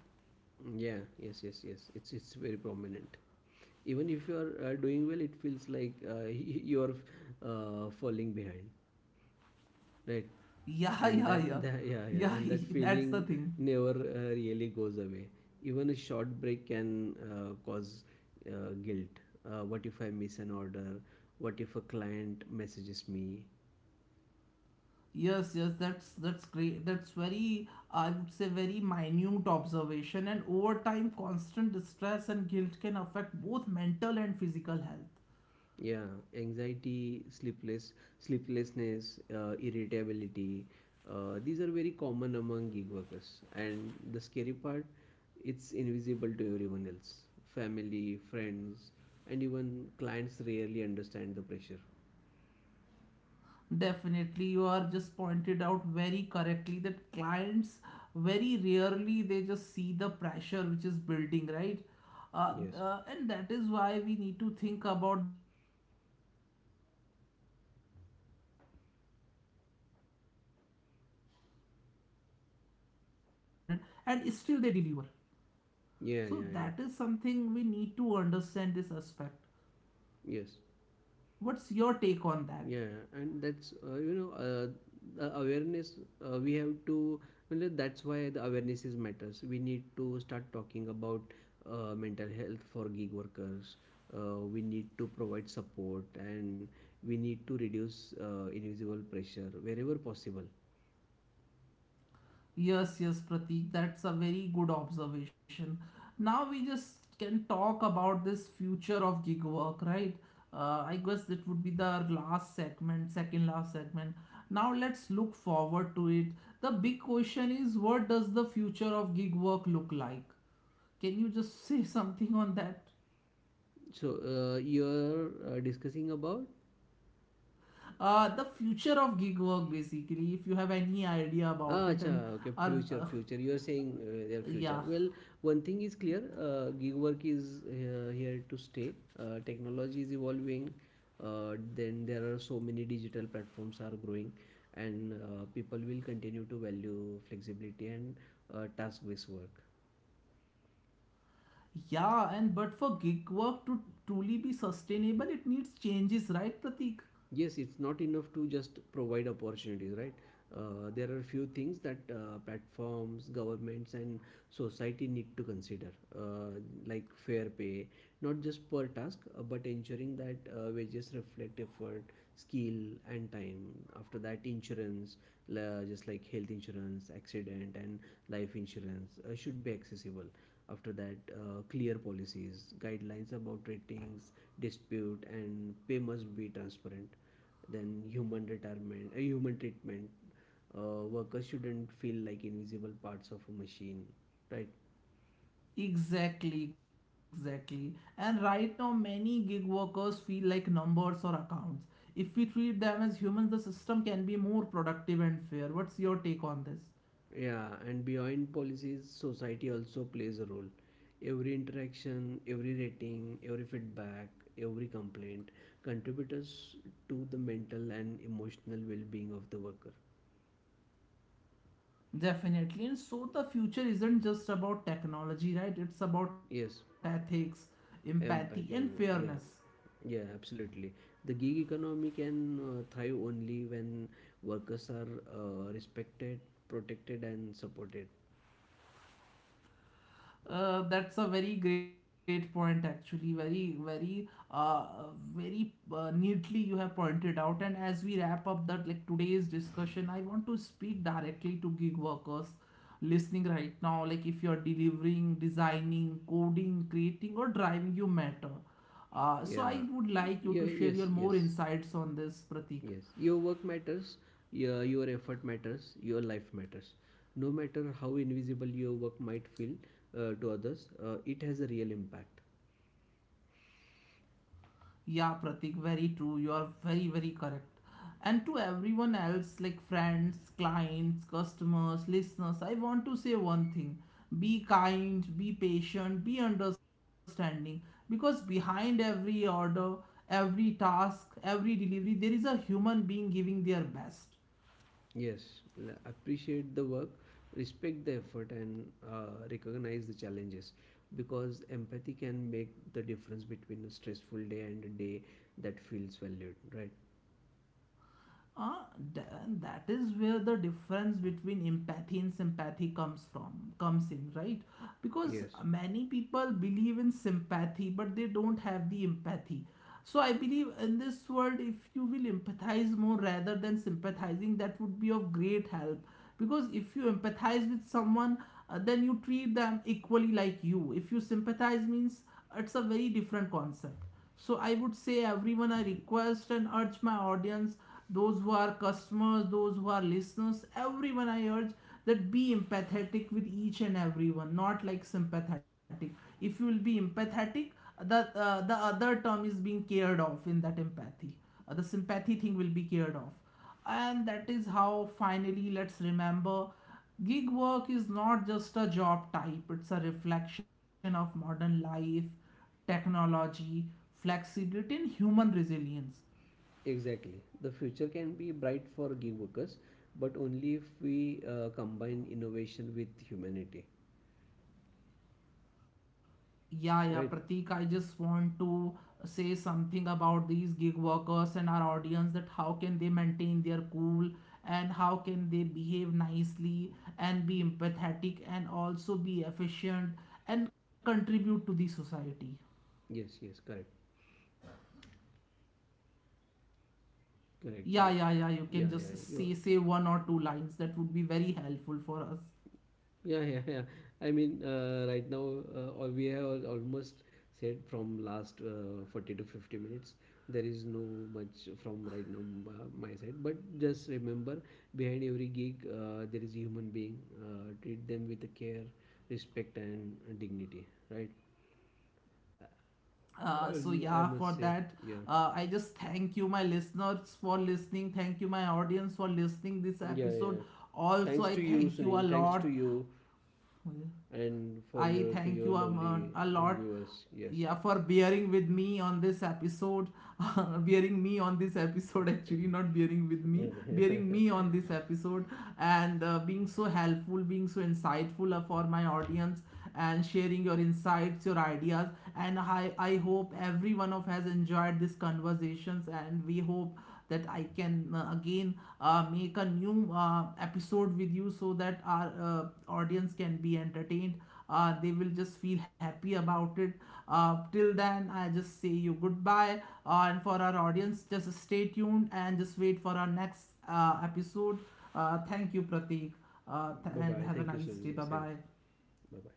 S2: Yeah. Yes. Yes. Yes. It's very prominent. Even if you are doing well, it feels like <laughs> you are falling behind. Right,
S1: <laughs> Yeah,
S2: and
S1: yeah,
S2: that, <laughs>
S1: yeah,
S2: that, yeah, yeah,
S1: yeah.
S2: and that
S1: <laughs> That's the
S2: feeling
S1: thing.
S2: never really goes away. Even a short break can cause guilt. What if I miss an order? What if a client messages me?
S1: Yes, yes, that's great. That's very, I would say, very minute observation. And over time, constant distress and guilt can affect both mental and physical health.
S2: Yeah, anxiety, sleepless, sleeplessness, irritability, these are very common among gig workers, and the scary part, it's invisible to everyone else. Family, friends, and even clients rarely understand the pressure.
S1: Definitely, you are just pointed out very correctly that clients very rarely they just see the pressure which is building, right?
S2: Yes.
S1: And that is why we need to think about the delivery workers during festivals. It's raining, it's scorching heat, the streets are crowded, and still they deliver. So that is something we
S2: Yeah,
S1: need to
S2: yeah,
S1: understand, this aspect.
S2: yeah. Yes.
S1: What's your take on that?
S2: Yeah, and that's you know the awareness we have to. Well, that's why the awareness is matters. We need to start talking about mental health for gig workers. We need to provide support, and we need to reduce invisible pressure wherever possible.
S1: Yes, yes, Pratik, that's a very good observation. Now we just can talk about this future of gig work, right? I guess that would be the last segment, second last segment. Now let's look forward to it. The big question is, what does the future of gig work look like? Can you just <laughs> say something on that?
S2: So you're discussing about.
S1: The future of gig work, basically, if you have any idea
S2: Ah,
S1: about it.
S2: acha,
S1: And
S2: okay,
S1: are
S2: future, future. You are saying their future.
S1: yeah,
S2: Well, one thing is clear, gig work is here to stay. Technology is evolving. Then there are so many digital platforms are growing, and people will continue to value flexibility and task-based work.
S1: yeah. And but for gig work to truly be sustainable, it needs changes, right, Pratik?
S2: Yes, it's not enough to just provide opportunities, right? There are few things that platforms, governments, and society need to consider, uh, like fair pay, not just per task, but ensuring that wages reflect effort, skill, and time. After that, insurance, just like health insurance, accident, and life insurance should be accessible. After that, clear policies, guidelines about ratings, dispute, and pay must be transparent. Then human retirement, human treatment. Workers shouldn't feel like invisible parts of a machine, right?
S1: Exactly, exactly. And right now many gig workers feel like numbers or accounts. If we treat them as humans, the system can be more productive and fair. What's your take on this?
S2: Yeah, and beyond policies, society also plays a role. Every interaction, every rating, every feedback, every complaint contributes to the mental and emotional well-being of the worker.
S1: Definitely. And so the future isn't just about technology, right? It's about
S2: Yes.
S1: ethics, empathy and
S2: Empathy, yeah.
S1: fairness.
S2: Yeah, absolutely. The gig economy can thrive only when workers are respected, protected, and supported.
S1: That's a very great point actually, very very very neatly you have pointed out. And as we wrap up that, like today's discussion, I want to speak directly to gig workers listening right now. Like if you're delivering, designing, coding, creating or driving, you matter. So
S2: Yeah,
S1: I would like you
S2: yeah,
S1: to share
S2: yes,
S1: your more
S2: yes,
S1: insights on this, Pratik.
S2: yes. Your work matters, yeah, your effort matters, your life matters. No matter how invisible your work might feel to others, it has a real impact.
S1: Yeah, Pratik, very true. You are very, very correct. And to everyone else, like friends, clients, customers, listeners, I want to say one thing. Be kind, be patient, be understanding. Because behind every order, every task, every delivery, there is a human being giving their best.
S2: Yes, l- appreciate the work, respect the effort, and recognize the challenges, because empathy can make the difference between a stressful day and a day that feels valued, right?
S1: uh, th- that is where the difference between empathy and sympathy comes from, comes in, right? Because
S2: Yes,
S1: many people believe in sympathy, but they don't have the empathy. So I believe in this world, if you will empathize more rather than sympathizing, that would be of great help. Because if you empathize with someone, then you treat them equally like you. If you sympathize means, it's a very different concept. So I would say everyone, I request and urge my audience, those who are customers, those who are listeners, everyone I urge that be empathetic with each and everyone, not like sympathetic. If you will be empathetic, the other term is being cared off in that empathy. The sympathy thing will be cared off, and that is how, finally, let's remember, gig work is not just a job type, it's a reflection of modern life, technology, flexibility, and human resilience.
S2: exactly. The future can be bright for gig workers, but only if we combine innovation with humanity,
S1: Yeah, yeah,
S2: right?
S1: Pratik, I just want to say something about these gig workers and our audience, that how can they maintain their cool and how can they behave nicely and be empathetic and also be efficient and contribute to the society.
S2: Yes, yes, correct, correct.
S1: Yeah, yeah, yeah. You can just
S2: You.
S1: say say one or two lines. That would be very helpful for us.
S2: Yeah, yeah, yeah. I mean, right now, we have almost said from last 40 to 50 minutes. There is no much from right now my side. But just remember, behind every gig, there is a human being. Treat them with care, respect, and dignity, right?
S1: So
S2: And I
S1: yeah, for
S2: must say,
S1: that,
S2: yeah,
S1: I just thank you, my listeners, for listening. Thank you, my audience, for listening this
S2: yeah,
S1: episode.
S2: yeah.
S1: Also,
S2: Thanks
S1: I
S2: to you,
S1: thank you a
S2: Sunil. Thanks to
S1: lot.
S2: you, and for
S1: I
S2: your to your
S1: thank you
S2: lovely
S1: a lot,
S2: viewers. Yes.
S1: yeah, for bearing with me on this episode. <laughs> Bearing me on this episode, actually, not bearing with me,
S2: <laughs>
S1: bearing me on
S2: Yeah.
S1: this episode. And being so helpful, being so insightful for my audience, and sharing your insights, your ideas. And I hope every one of has enjoyed these conversations, and we hope that I can again make a new episode with you, so that our audience can be entertained. They will just feel happy about it. Till then, I just say you goodbye. And for our audience, just stay tuned and just wait for our next episode. Thank you, Pratik,
S2: Bye
S1: and
S2: bye.
S1: have a
S2: Thank you,
S1: nice day.
S2: Sunil.
S1: Bye
S2: Thanks.
S1: bye.
S2: Bye bye.